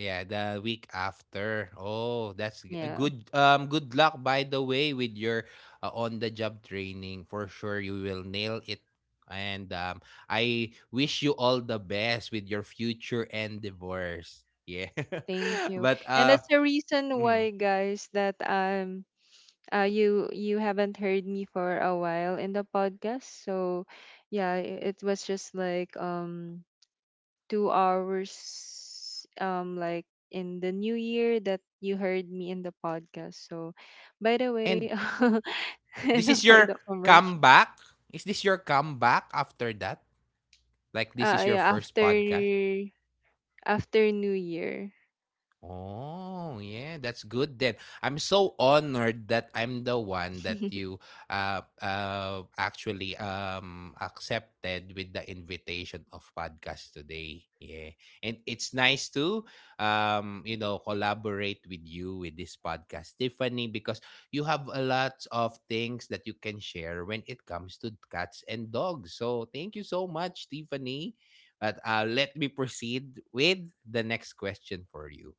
Speaker 1: Yeah, the week after. Oh, that's g- a
Speaker 2: Yeah,
Speaker 1: good. Good luck by the way with your on the job training. For sure, you will nail it. And I wish you all the best with your future and divorce. Yeah,
Speaker 2: thank
Speaker 1: (laughs)
Speaker 2: you.
Speaker 1: but
Speaker 2: And that's the reason
Speaker 1: mm.
Speaker 2: why, guys, that you you haven't heard me for a while in the podcast. So yeah, it was just like 2 hours like in the new year that you heard me in the podcast. So by the
Speaker 1: And
Speaker 2: way, (laughs)
Speaker 1: this
Speaker 2: enough
Speaker 1: is
Speaker 2: for
Speaker 1: your
Speaker 2: the commercial.
Speaker 1: comeback. Is this your comeback after that? Like this is your
Speaker 2: Yeah,
Speaker 1: first
Speaker 2: after
Speaker 1: podcast?
Speaker 2: New Year.
Speaker 1: Oh, yeah, that's good then. I'm so honored that I'm the one that
Speaker 2: (laughs)
Speaker 1: you actually accepted with the invitation of podcast today. Yeah. And it's nice to collaborate with you with this podcast, Tiffany, because you have a lot of things that you can share when it comes to cats and dogs. So thank you so much, Tiffany. But let me proceed with the next question for you.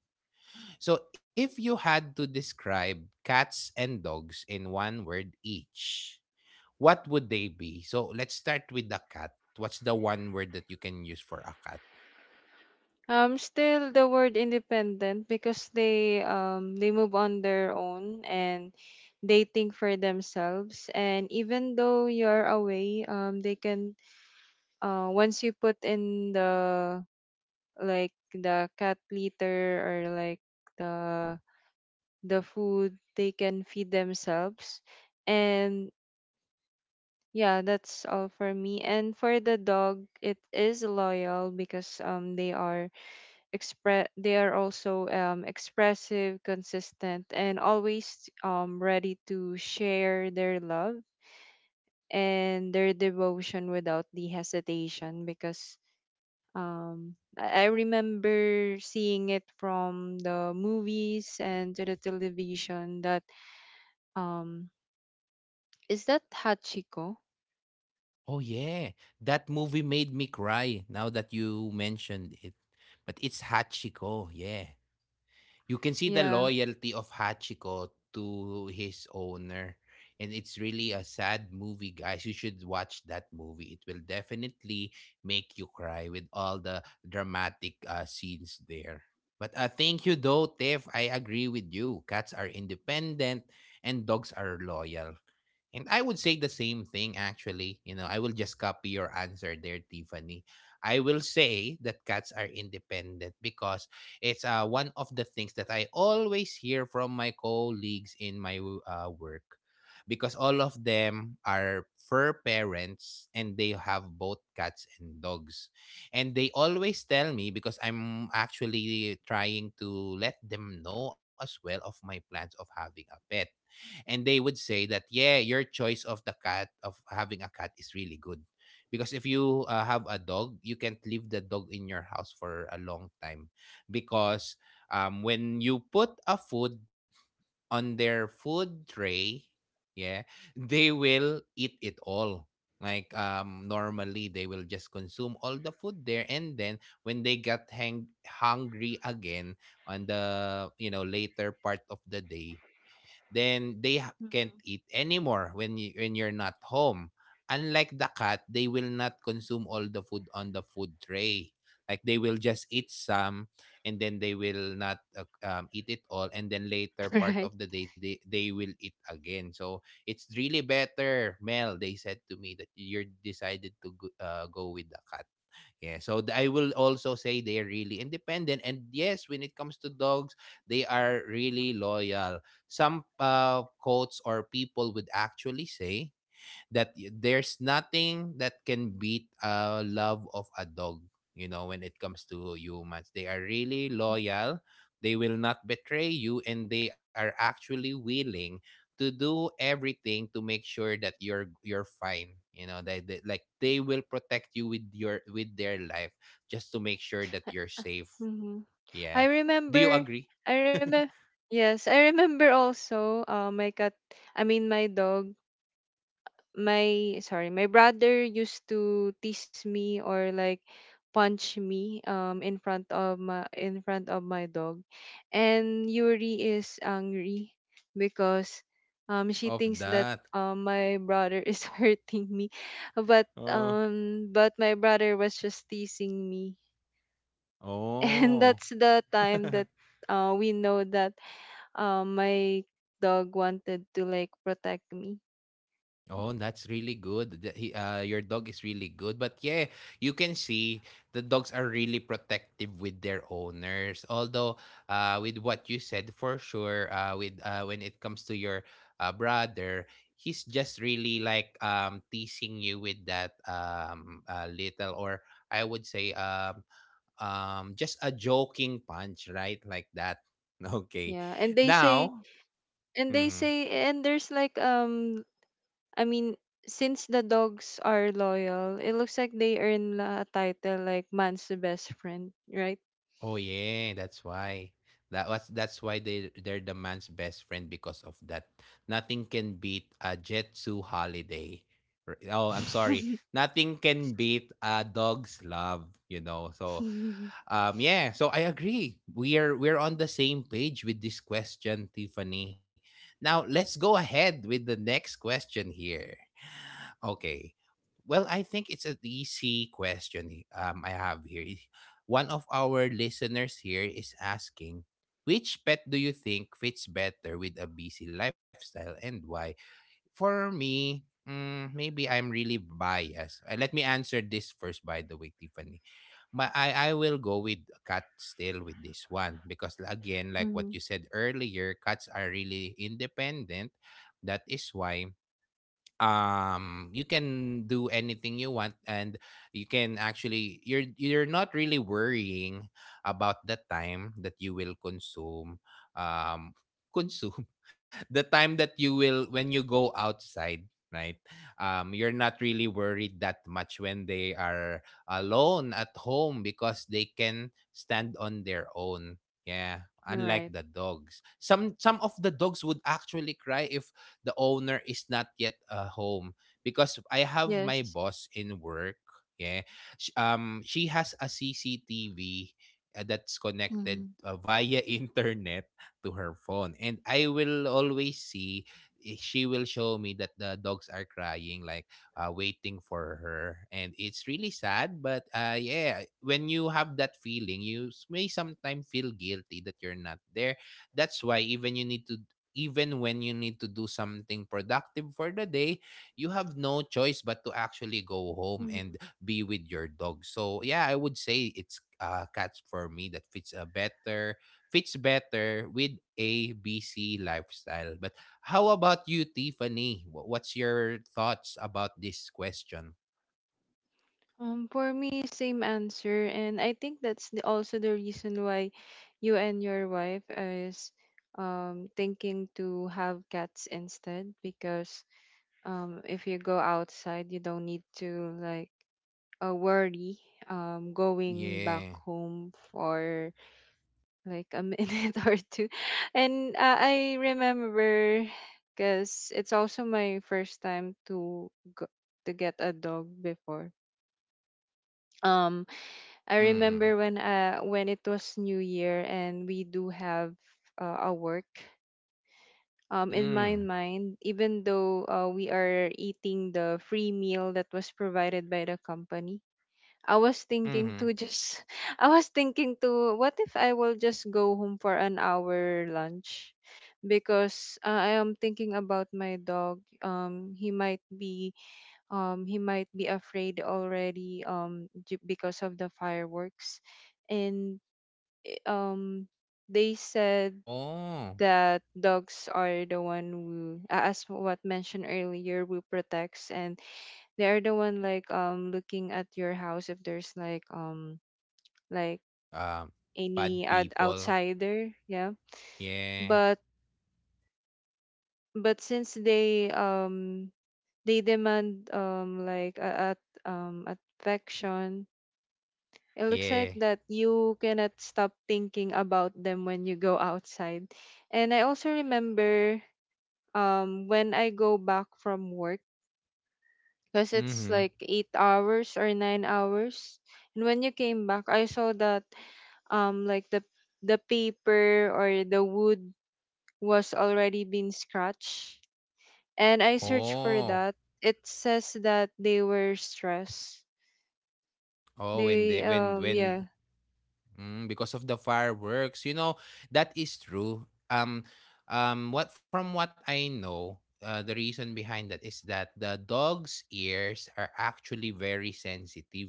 Speaker 1: So, if you had to describe cats and dogs in one word each, what would they be? So, let's start with the cat. What's the one word that you can use for a cat?
Speaker 2: Still the word independent, because they move on their own, and they think for themselves, and even though you're away, they can, once you put in the, like the cat litter, or like the the food, they can feed themselves. And yeah, that's all for me. And for the dog, it is loyal, because they are express they are also expressive, consistent, and always ready to share their love and their devotion without the hesitation, because I remember seeing it from the movies and to the television that um is that Hachiko?
Speaker 1: Oh, yeah. That movie made me cry now that you mentioned it. But it's Hachiko. Yeah. You can see the
Speaker 2: Yeah.
Speaker 1: loyalty of Hachiko to his owner. And it's really a sad movie, guys. You should watch that movie. It will definitely make you cry with all the dramatic scenes there. But thank you, though, Tiff. I agree with you. Cats are independent and dogs are loyal. And I would say the same thing actually. You know, I will just copy your answer there, Tiffany. I will say that cats are independent because it's one of the things that I always hear from my colleagues in my work. Because all of them are fur parents and they have both cats and dogs. And they always tell me, because I'm actually trying to let them know as well of my plans of having a pet, and they would say that yeah, your choice of the cat of having a cat is really good because if you have a dog, you can't leave the dog in your house for a long time because when you put a food on their food tray, yeah, they will eat it all. Like normally they will just consume all the food there, and then when they got hang- hungry again on the you know later part of the day, then they ha- can't
Speaker 2: Mhm.
Speaker 1: eat anymore when you're not home. Unlike the cat, they will not consume all the food on the food tray. Like they will just eat some and then they will not eat it all, and then later part
Speaker 2: (laughs) Right.
Speaker 1: of the day they will eat again. So it's really better, mel, they said to me, that you're decided to go, go with the cat. Yeah, so th- I will also say they're really independent, and yes, when it comes to dogs, they are really loyal. Some quotes or people would actually say that y- there's nothing that can beat a love of a dog. You know, when it comes to humans, they are really loyal. They will not betray you, and they are actually willing to do everything to make sure that you're fine. You know, they will protect you with your with their life just to make sure that you're safe.
Speaker 2: Hmm.
Speaker 1: Yeah,
Speaker 2: I
Speaker 1: do you
Speaker 2: remember
Speaker 1: agree?
Speaker 2: I remember yes, I remember also my cat I mean my dog, my brother used to tease me or like punch me in front of my dog, and yuri is angry because she
Speaker 1: (laughs) Of
Speaker 2: thinks that
Speaker 1: that,
Speaker 2: my brother is (laughs) hurting me,
Speaker 1: uh,
Speaker 2: but my brother was just teasing me. (laughs) And
Speaker 1: oh,
Speaker 2: that's the time
Speaker 1: (laughs)
Speaker 2: that we know that my dog wanted to like protect me.
Speaker 1: oh, that's really good. That He, your dog is really good. But yeah, you can see the dogs are really protective with their owners. Although, with what you said, for sure, with when it comes to your brother, he's just really like teasing you with that little or I would say just a joking punch, right? Like that. (laughs) Okay.
Speaker 2: Yeah. And they say,
Speaker 1: Now.
Speaker 2: and they
Speaker 1: Mm-hmm.
Speaker 2: say, and there's like, I mean, since the dogs are loyal, it looks like they earn a title like man's the best friend, right?
Speaker 1: Oh yeah, that's why. That was that's why they they're the man's best friend because of that. Nothing can beat a Jetsu holiday. R- Oh, I'm sorry.
Speaker 2: (laughs)
Speaker 1: Nothing can beat a dog's love, you know. So,
Speaker 2: Mm-hmm.
Speaker 1: yeah, so I agree. We are we're on the same page with this question, Tiffany. Now, let's go ahead with the next question here. Okay. Well, I think it's an easy question I have here. One of our listeners here is asking, which pet do you think fits better with a busy lifestyle and why? For me, mm, maybe I'm really biased. Let me answer this first, by the way, Tiffany. My, I will go with cat still with this one because, again, like what you said earlier, cats are really independent. That is why you can do anything you want, and you can actually you're not really worrying about the time that you will consume um consume (laughs) the time that you will when you go outside, right. You're not really worried that much when they are alone at home because they can stand on their own. Yeah, unlike
Speaker 2: Right.
Speaker 1: the dogs, some of the dogs would actually cry if the owner is not yet home. Because I have my
Speaker 2: Yes.
Speaker 1: boss in work. Yeah, Sh- she has a CCTV that's connected via (laughs) internet to her phone, and I will always see. I- She will show me that the dogs are crying, like waiting for her, and it's really sad. But yeah, when you have that feeling, you s- may sometimes feel guilty that you're not there. That's why even you need to even when you need to do something productive for the day, you have no choice but to actually go home
Speaker 2: Mm-hmm.
Speaker 1: and be with your dog. So yeah, I would say it's cats for me that fits better with a BC lifestyle. But how about you, Tiffany? What's your thoughts about this question?
Speaker 2: For me, same answer, and I think that's the, also the reason why you and your wife is thinking to have cats instead, because if you go outside, you don't need to like a worry going back
Speaker 1: Yeah.
Speaker 2: home for like a (laughs) minute or two. And I remember, because it's also my first time to go, to get a dog before, um I
Speaker 1: Mm.
Speaker 2: remember when it was new year and we do have a work. In
Speaker 1: Mm.
Speaker 2: my mind, even though we are eating the free meal that was provided by the company, I was thinking
Speaker 1: Mm-hmm.
Speaker 2: to just (laughs) I was thinking to, what if I will just go home for an hour lunch, because I am thinking about my dog, he might be afraid already because of the fireworks, and um they said
Speaker 1: Oh.
Speaker 2: that dogs are the one who as what mentioned earlier, who protects, and they are the one like looking at your house if there's like like
Speaker 1: Um. Bad
Speaker 2: any
Speaker 1: people.
Speaker 2: outsider, yeah.
Speaker 1: Yeah.
Speaker 2: but but since they demand like a affection, it looks like
Speaker 1: Yeah.
Speaker 2: that you cannot stop thinking about them when you go outside. And I also remember when I go back from work, because it's
Speaker 1: Mm-hmm.
Speaker 2: like 8 hours or 9 hours, and when you came back I saw that like the paper or the wood was already been scratched. And I searched for
Speaker 1: Oh,
Speaker 2: that. It says that they were stressed.
Speaker 1: oh, when
Speaker 2: They
Speaker 1: they when when
Speaker 2: yeah,
Speaker 1: mm, because of the fireworks, you know, that is true. What from what I know, the reason behind that is that the dog's ears are actually very sensitive,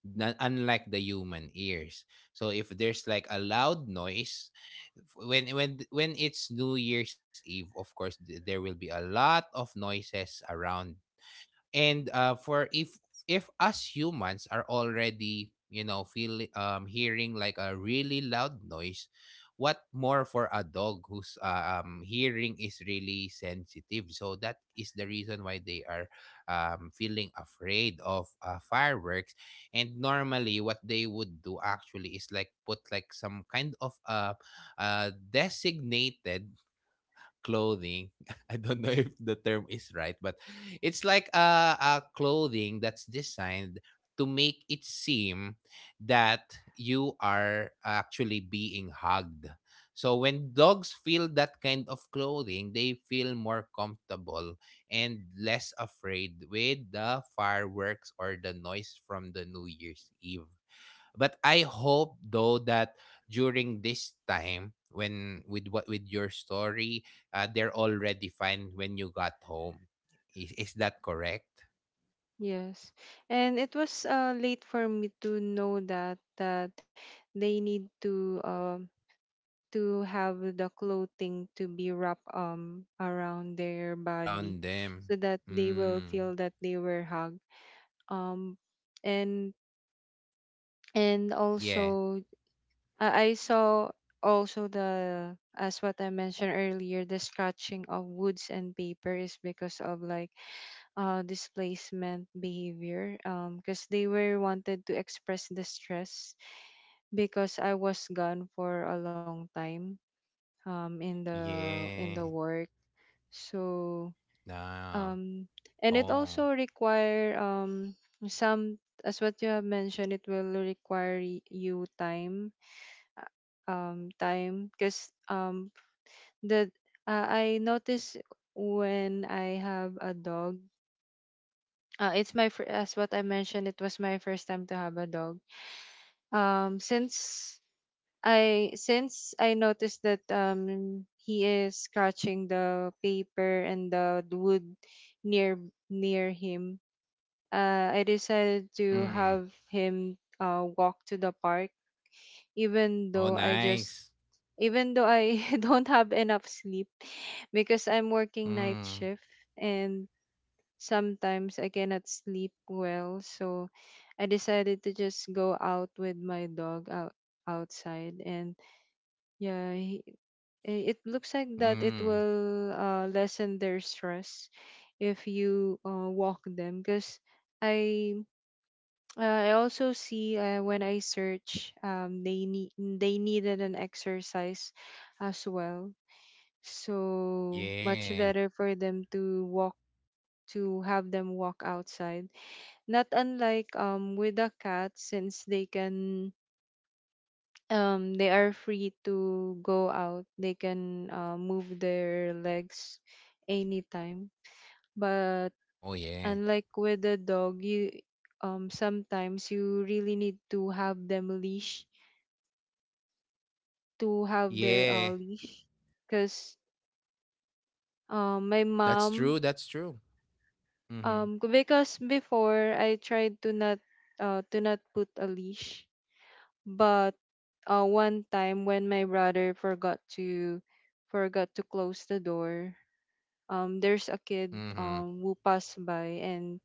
Speaker 1: na- unlike the human ears. So if there's like a loud noise, f- when it's New Year's Eve, of course th- there will be a lot of noises around, and for if us humans are already you know feel hearing like a really loud noise, what more for a dog whose hearing is really sensitive. So that is the reason why they are feeling afraid of fireworks. And normally what they would do actually is like put like some kind of designated clothing. (laughs) I don't know if the term is right, but it's like a clothing that's designed to make it seem that you are actually being hugged. So when dogs feel that kind of clothing, they feel more comfortable and less afraid with the fireworks or the noise from the New Year's Eve. But I hope though that during this time when with what with your story, they're already fine when you got home. Is that correct?
Speaker 2: yes. And it was late for me to know that they need to have the clothing to be wrapped around their body
Speaker 1: Around them.
Speaker 2: so that they will
Speaker 1: Mm.
Speaker 2: feel that they were hugged. Um and and
Speaker 1: Yeah.
Speaker 2: also, I saw also the, as what I mentioned earlier, the scratching of woods and paper is because of like displacement behavior. Because they were wanted to express the stress because I was gone for a long time. In the
Speaker 1: Yeah.
Speaker 2: work, so
Speaker 1: No.
Speaker 2: um, and it
Speaker 1: Oh.
Speaker 2: also require some, as what you have mentioned, it will require you time, because the I notice when I have a dog, it's as what I mentioned, it was my first time to have a dog. Since I since I noticed that he is scratching the paper and the wood near him, I decided to
Speaker 1: Mm.
Speaker 2: have him walk to the park, even
Speaker 1: Oh,
Speaker 2: though I just
Speaker 1: nice.
Speaker 2: even though I (laughs) don't have enough sleep because I'm working night
Speaker 1: Mm.
Speaker 2: shift, and sometimes I cannot sleep well. So I decided to just go out with my dog outside and yeah, it looks like that it
Speaker 1: Mm.
Speaker 2: will lessen their stress if you walk them because I (tsk) I also see when I search, they needed an exercise as well. So
Speaker 1: Yeah.
Speaker 2: much better for them to walk, to have them walk outside. Not unlike with the cat, since they can, they are free to go out. They can move their legs anytime. But
Speaker 1: Oh, yeah.
Speaker 2: unlike with the dog, you, sometimes you really need to have them leash, to have their
Speaker 1: Yeah.
Speaker 2: leash, because my
Speaker 1: That's true.
Speaker 2: mom,
Speaker 1: That's true. Mm-hmm.
Speaker 2: Because before I tried to not, to not put a leash. But one time when my brother forgot to close the door, there's a kid
Speaker 1: Mm-hmm.
Speaker 2: who passed by and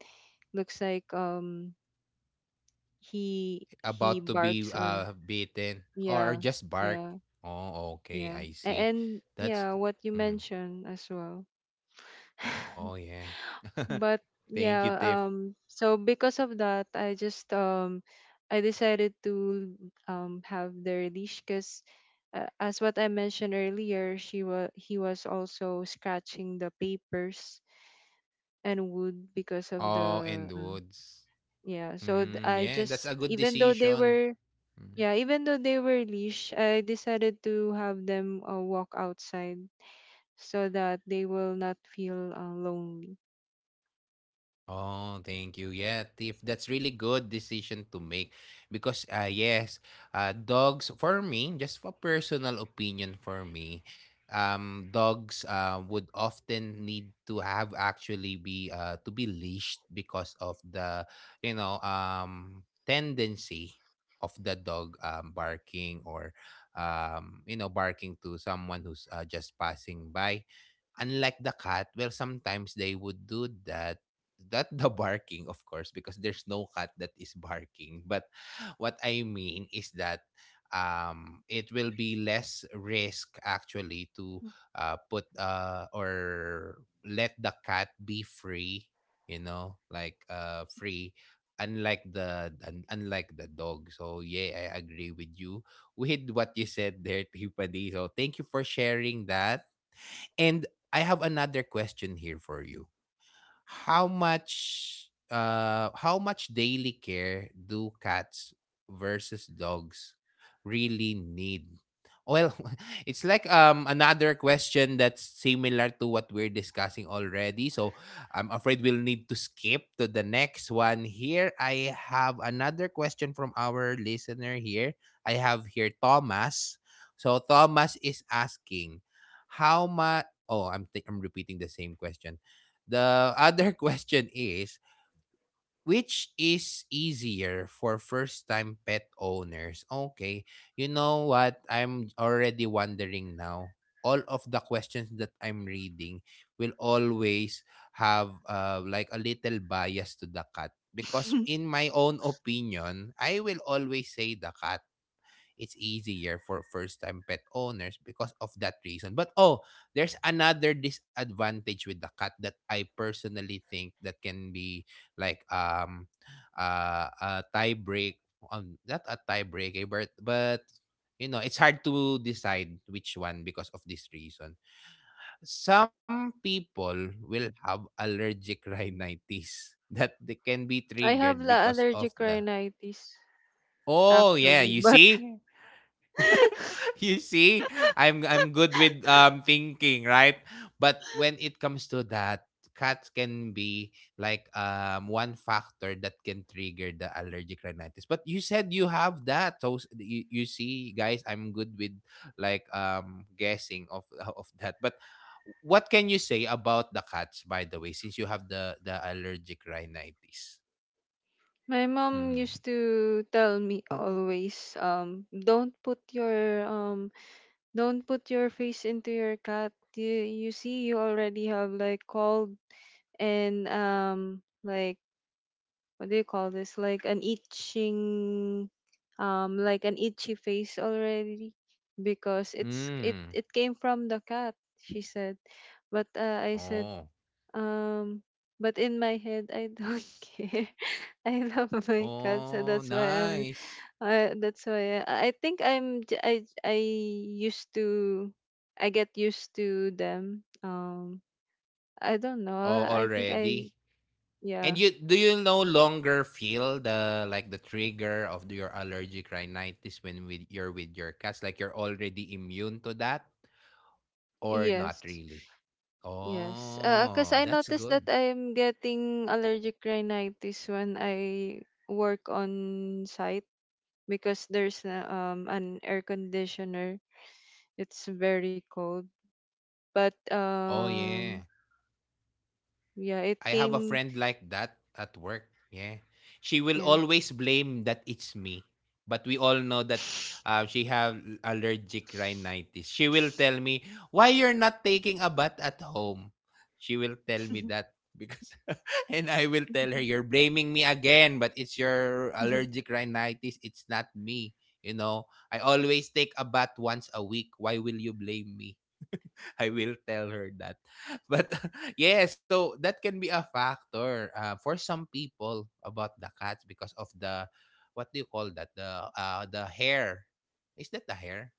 Speaker 2: looks like, he
Speaker 1: About to be
Speaker 2: barks on.
Speaker 1: beaten or
Speaker 2: Yeah,
Speaker 1: just bark.
Speaker 2: yeah,
Speaker 1: Oh, okay,
Speaker 2: yeah.
Speaker 1: I
Speaker 2: and,
Speaker 1: see.
Speaker 2: and
Speaker 1: That's
Speaker 2: yeah, what you
Speaker 1: mhm.
Speaker 2: mentioned as well.
Speaker 1: Oh yeah. (laughs)
Speaker 2: But
Speaker 1: Thank you,
Speaker 2: yeah,
Speaker 1: Tiff.
Speaker 2: so because of that I decided to have the leash because, as what I mentioned earlier, she was he was also scratching the papers and wood because of
Speaker 1: Oh,
Speaker 2: the
Speaker 1: and Woods.
Speaker 2: yeah so th-
Speaker 1: Mm,
Speaker 2: I
Speaker 1: yeah, that's
Speaker 2: just
Speaker 1: a good
Speaker 2: even though they
Speaker 1: decision.
Speaker 2: were,
Speaker 1: Mm.
Speaker 2: yeah, even though they were leash, I decided to have them walk outside so that they will not feel lonely.
Speaker 1: Oh, thank you. Yeah, Tiff, that's really good decision to make because yes, dogs for me, just for personal opinion for me, dogs would often need to have actually be to be leashed because of the tendency of the dog barking or barking to someone who's just passing by, unlike the cat. Well, sometimes they would do that, not the barking of course, because there's no cat that is barking, but what I mean is that it will be less risk actually to put or let the cat be free, you know, like free, unlike the unlike the dog. So yeah, I agree with you with what you said there, Tiffany, so thank you for sharing that. And I have another question here for you. How much how much daily care do cats versus dogs really need? Well, (laughs) it's like another question that's similar to what we're discussing already, so I'm afraid we'll need to skip to the next one. Here I have another question from our listener here. I have here Thomas, so Thomas is asking, how much, oh, I'm repeating the same question. The other (laughs) question is, which is easier for first-time pet owners? Okay, you know what? I'm already wondering now. All of the questions that I'm reading will always have like a little bias to the cat because
Speaker 2: (laughs)
Speaker 1: in my own opinion, I will always say the cat, it's easier for first time pet owners because of that reason. But oh, there's another disadvantage with the cat that I personally think that can be like a tie break, on not a tie break, but, you know, it's hard to decide which one because of this reason. Some people will have allergic (laughs) rhinitis that they can be
Speaker 2: I have
Speaker 1: triggered
Speaker 2: la
Speaker 1: because of
Speaker 2: allergic
Speaker 1: the.
Speaker 2: rhinitis
Speaker 1: Oh yeah,
Speaker 2: actually,
Speaker 1: you
Speaker 2: but
Speaker 1: see?
Speaker 2: (laughs)
Speaker 1: (laughs) You see, I'm good with thinking, right? But when it comes to that, cats can be like one factor that can trigger the allergic rhinitis. But you said you have that, so you, you see, guys, I'm good with like guessing of (laughs) of that. But what can you say about the cats, by the way, since you have the allergic rhinitis?
Speaker 2: my mom
Speaker 1: Mm.
Speaker 2: used to tell me always, don't put your face into your cat. You see, you already have like cold and, like, what do you call this? Like an itching, like an itchy face already, because
Speaker 1: Mm.
Speaker 2: it came from the cat. She said, but I said,
Speaker 1: Oh.
Speaker 2: Um, but in my head, I don't (laughs) care. I love my cat, so
Speaker 1: Oh,
Speaker 2: that's why I'm.
Speaker 1: nice.
Speaker 2: That's why I think I'm. I used to. I get used to them. I don't know.
Speaker 1: Oh,
Speaker 2: I think I.
Speaker 1: already. And
Speaker 2: Yeah.
Speaker 1: you, do you no longer feel the like the trigger of your allergic rhinitis when with you're with your cats? Like you're already immune to that or not
Speaker 2: Yes.
Speaker 1: really?
Speaker 2: Yes. Cause
Speaker 1: Oh,
Speaker 2: I
Speaker 1: that's
Speaker 2: noticed
Speaker 1: good.
Speaker 2: that I'm getting allergic rhinitis when I work on site because there's a, an air conditioner. It's very cold. But
Speaker 1: Oh yeah.
Speaker 2: yeah,
Speaker 1: I
Speaker 2: it
Speaker 1: have a
Speaker 2: came.
Speaker 1: friend like that at work. Yeah. She will
Speaker 2: Yeah.
Speaker 1: always blame that it's me. But we all know that she have allergic rhinitis. She will tell me, why you're not taking a bath at home? She will tell me
Speaker 2: (laughs)
Speaker 1: that. Because (laughs) and I will tell her, you're blaming me again, but it's your allergic rhinitis. It's not me. You know, I always take a bath once a week. Why will you blame me? I will tell her that. (laughs) But (laughs) yeah, so that can be a factor for some people about the cats because of the, what do you call that? The hair. Is that the hair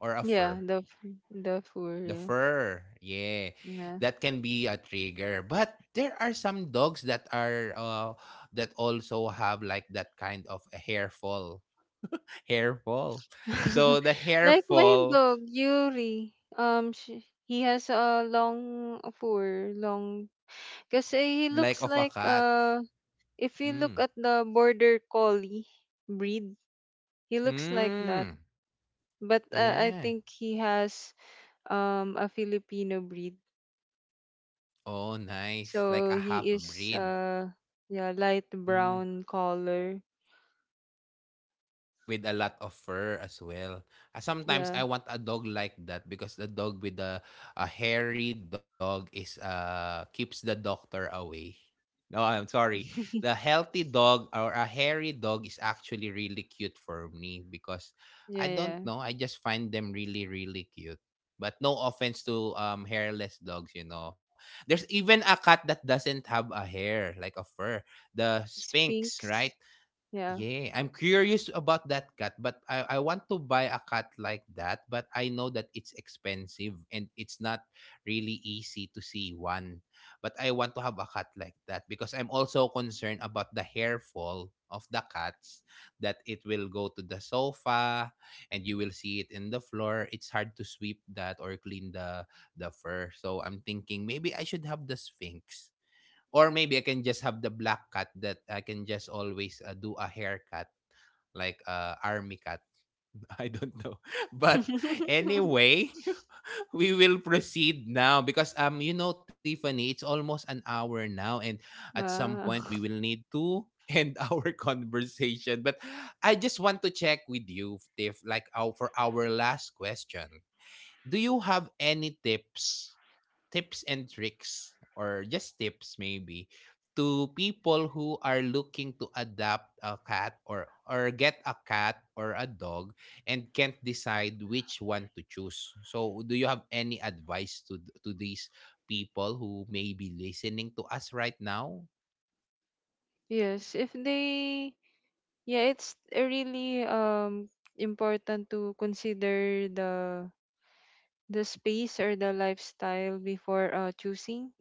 Speaker 1: or a
Speaker 2: Yeah,
Speaker 1: fur?
Speaker 2: the the four,
Speaker 1: The
Speaker 2: yeah.
Speaker 1: fur. Yeah.
Speaker 2: Nah.
Speaker 1: That can be a trigger. But there are some dogs that are that also have like that kind of a hair fall. (laughs) Hair fall. So
Speaker 2: (laughs)
Speaker 1: the hair
Speaker 2: Like my
Speaker 1: fall
Speaker 2: dog, Yuri. He has a long fur, long, because he
Speaker 1: like
Speaker 2: looks
Speaker 1: of a
Speaker 2: like,
Speaker 1: cat.
Speaker 2: if you look
Speaker 1: Mm.
Speaker 2: at the border collie breed, he looks like that.
Speaker 1: Mm.
Speaker 2: But I
Speaker 1: Yeah.
Speaker 2: think he has a Filipino breed.
Speaker 1: Oh, nice. Like a
Speaker 2: So
Speaker 1: half
Speaker 2: he is
Speaker 1: breed.
Speaker 2: yeah, light
Speaker 1: Mm,
Speaker 2: brown color.
Speaker 1: with a lot of fur as well. Sometimes
Speaker 2: Yeah.
Speaker 1: I want a dog like that because the dog with the a hairy dog is keeps the doctor away. No, I'm sorry. The
Speaker 2: (laughs)
Speaker 1: healthy dog or a hairy dog is actually really cute for me because
Speaker 2: Yeah,
Speaker 1: I
Speaker 2: yeah.
Speaker 1: don't know, I just find them really really cute. But no offense to hairless dogs, you know. There's even a cat that doesn't have a hair, like a fur. The Sphinx, right?
Speaker 2: Sphinx. Yeah.
Speaker 1: Yeah, I'm curious about that cat, but I want to buy a cat like that, but I know that it's expensive and it's not really easy to see one. But I want to have a cat like that because I'm also concerned about the hair fall of the cats, that it will go to the sofa and you will see it in the floor. It's hard to sweep that or clean the fur. So I'm thinking maybe I should have the Sphinx or maybe I can just have the black cat that I can just always do a haircut like army cat. (laughs) I don't know. (laughs) But
Speaker 2: (laughs)
Speaker 1: anyway, (laughs) we will proceed now because you know Tiffany, it's almost an hour now and at some
Speaker 2: Wow.
Speaker 1: point we will
Speaker 2: (laughs)
Speaker 1: need to end (laughs) our conversation. But I just want to check with you, Tiff, like our, for our last question. Do you have any tips, tips and tricks or just tips maybe, to people who are looking to adopt a cat or get a cat or a dog and can't decide which one to choose. So do you have any advice to to these people who may be listening to us right now?
Speaker 2: Yes, if they, yeah, it's really important to consider the space or the lifestyle before choosing.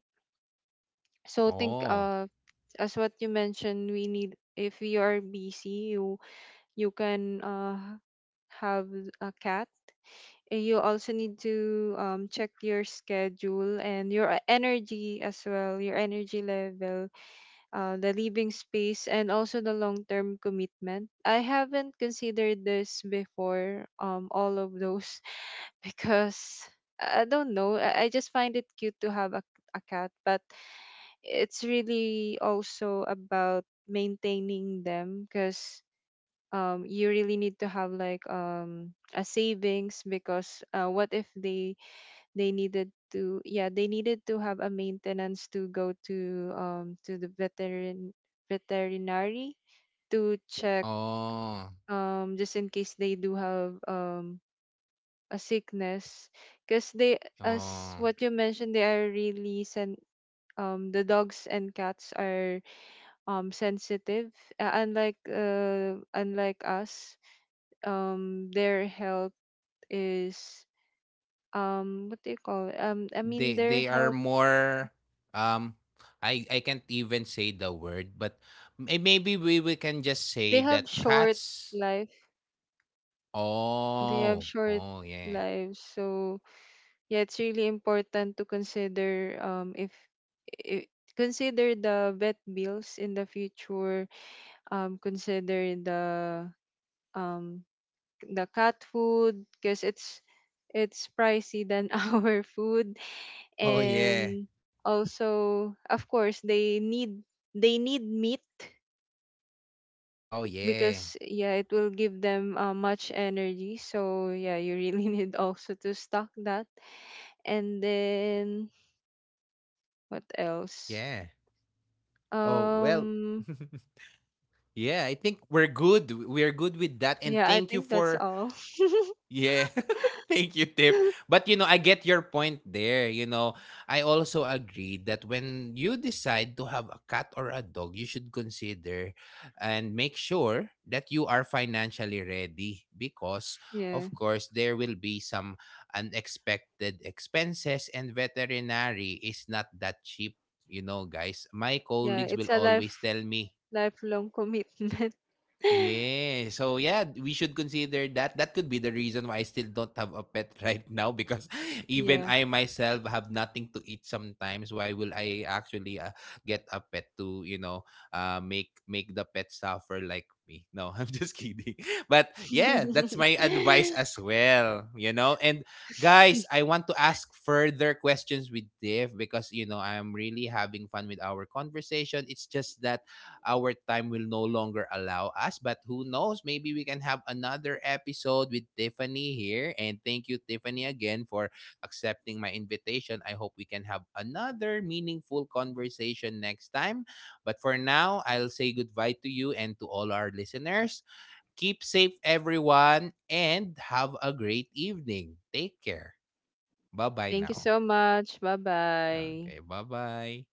Speaker 2: So think,
Speaker 1: Oh.
Speaker 2: as what you mentioned, we need, if you are busy, you can have a cat. You also need to check your schedule and your energy as well, your energy level, the living space, and also the long term commitment. I haven't considered this before, all of those, (laughs) because I don't know. I just find it cute to have a cat, but it's really also about maintaining them, because you really need to have like a savings, because what if they, they needed to yeah, they needed to have a maintenance to go to, to the veterinary to check,
Speaker 1: Oh.
Speaker 2: just in case they do have, a sickness, because they, as
Speaker 1: Oh.
Speaker 2: what you mentioned, they are really the dogs and cats are, sensitive, unlike unlike us. Their health is, what do you call it? I mean,
Speaker 1: they
Speaker 2: their
Speaker 1: they are
Speaker 2: health,
Speaker 1: more um I can't even say the word but maybe we can just
Speaker 2: they
Speaker 1: say
Speaker 2: have
Speaker 1: that
Speaker 2: short
Speaker 1: cats.
Speaker 2: life. They have
Speaker 1: Oh,
Speaker 2: short
Speaker 1: oh yeah.
Speaker 2: lives. So yeah, it's really important to consider, if, I consider the vet bills in the future, consider the, um the cat food, because it's pricey than (laughs) our food,
Speaker 1: Oh yeah.
Speaker 2: and also of course they need, they need meat,
Speaker 1: Oh yeah.
Speaker 2: because yeah, it will give them much energy. So yeah, you really (laughs) need also to stock that. And then what else,
Speaker 1: Yeah. Oh well.
Speaker 2: um
Speaker 1: (laughs) Yeah, I think we're good, we're good with that, and
Speaker 2: yeah, I
Speaker 1: thank you
Speaker 2: think that's
Speaker 1: for.
Speaker 2: all.
Speaker 1: Yeah. (laughs) Thank you, Tip.
Speaker 2: (laughs)
Speaker 1: But you know, I get your point there. You know, I also agree that when you decide to have a cat or a dog, you should consider and make sure that you are financially ready because,
Speaker 2: Yeah,
Speaker 1: of course, there will be some unexpected expenses, and veterinary is not that cheap. You know, guys, my
Speaker 2: yeah,
Speaker 1: colleagues
Speaker 2: it's
Speaker 1: will
Speaker 2: a
Speaker 1: always tell me.
Speaker 2: lifelong commitment. (laughs)
Speaker 1: Yeah. So yeah, we should consider that. That could be the reason why I still don't have a pet (laughs) right now because even
Speaker 2: Yeah.
Speaker 1: I myself have nothing to eat sometimes. Why will I actually get a pet to, you know, make the pet suffer like me? No, (laughs) I'm just kidding. But yeah, that's my advice as well, you know. And guys, I
Speaker 2: (laughs)
Speaker 1: want to ask further questions with Dave because, you know, I'm really having fun with our conversation. It's just that our time will no longer allow us. But who knows? Maybe we can have another episode with Tiffany here. And thank you, Tiffany, again for accepting my invitation. I hope we can have another meaningful conversation next time. But for now, I'll say goodbye to you and to all our listeners. Keep safe, everyone, and have a great evening. Take care. Bye bye
Speaker 2: Thank you
Speaker 1: now.
Speaker 2: so much. Bye bye.
Speaker 1: Okay, bye bye.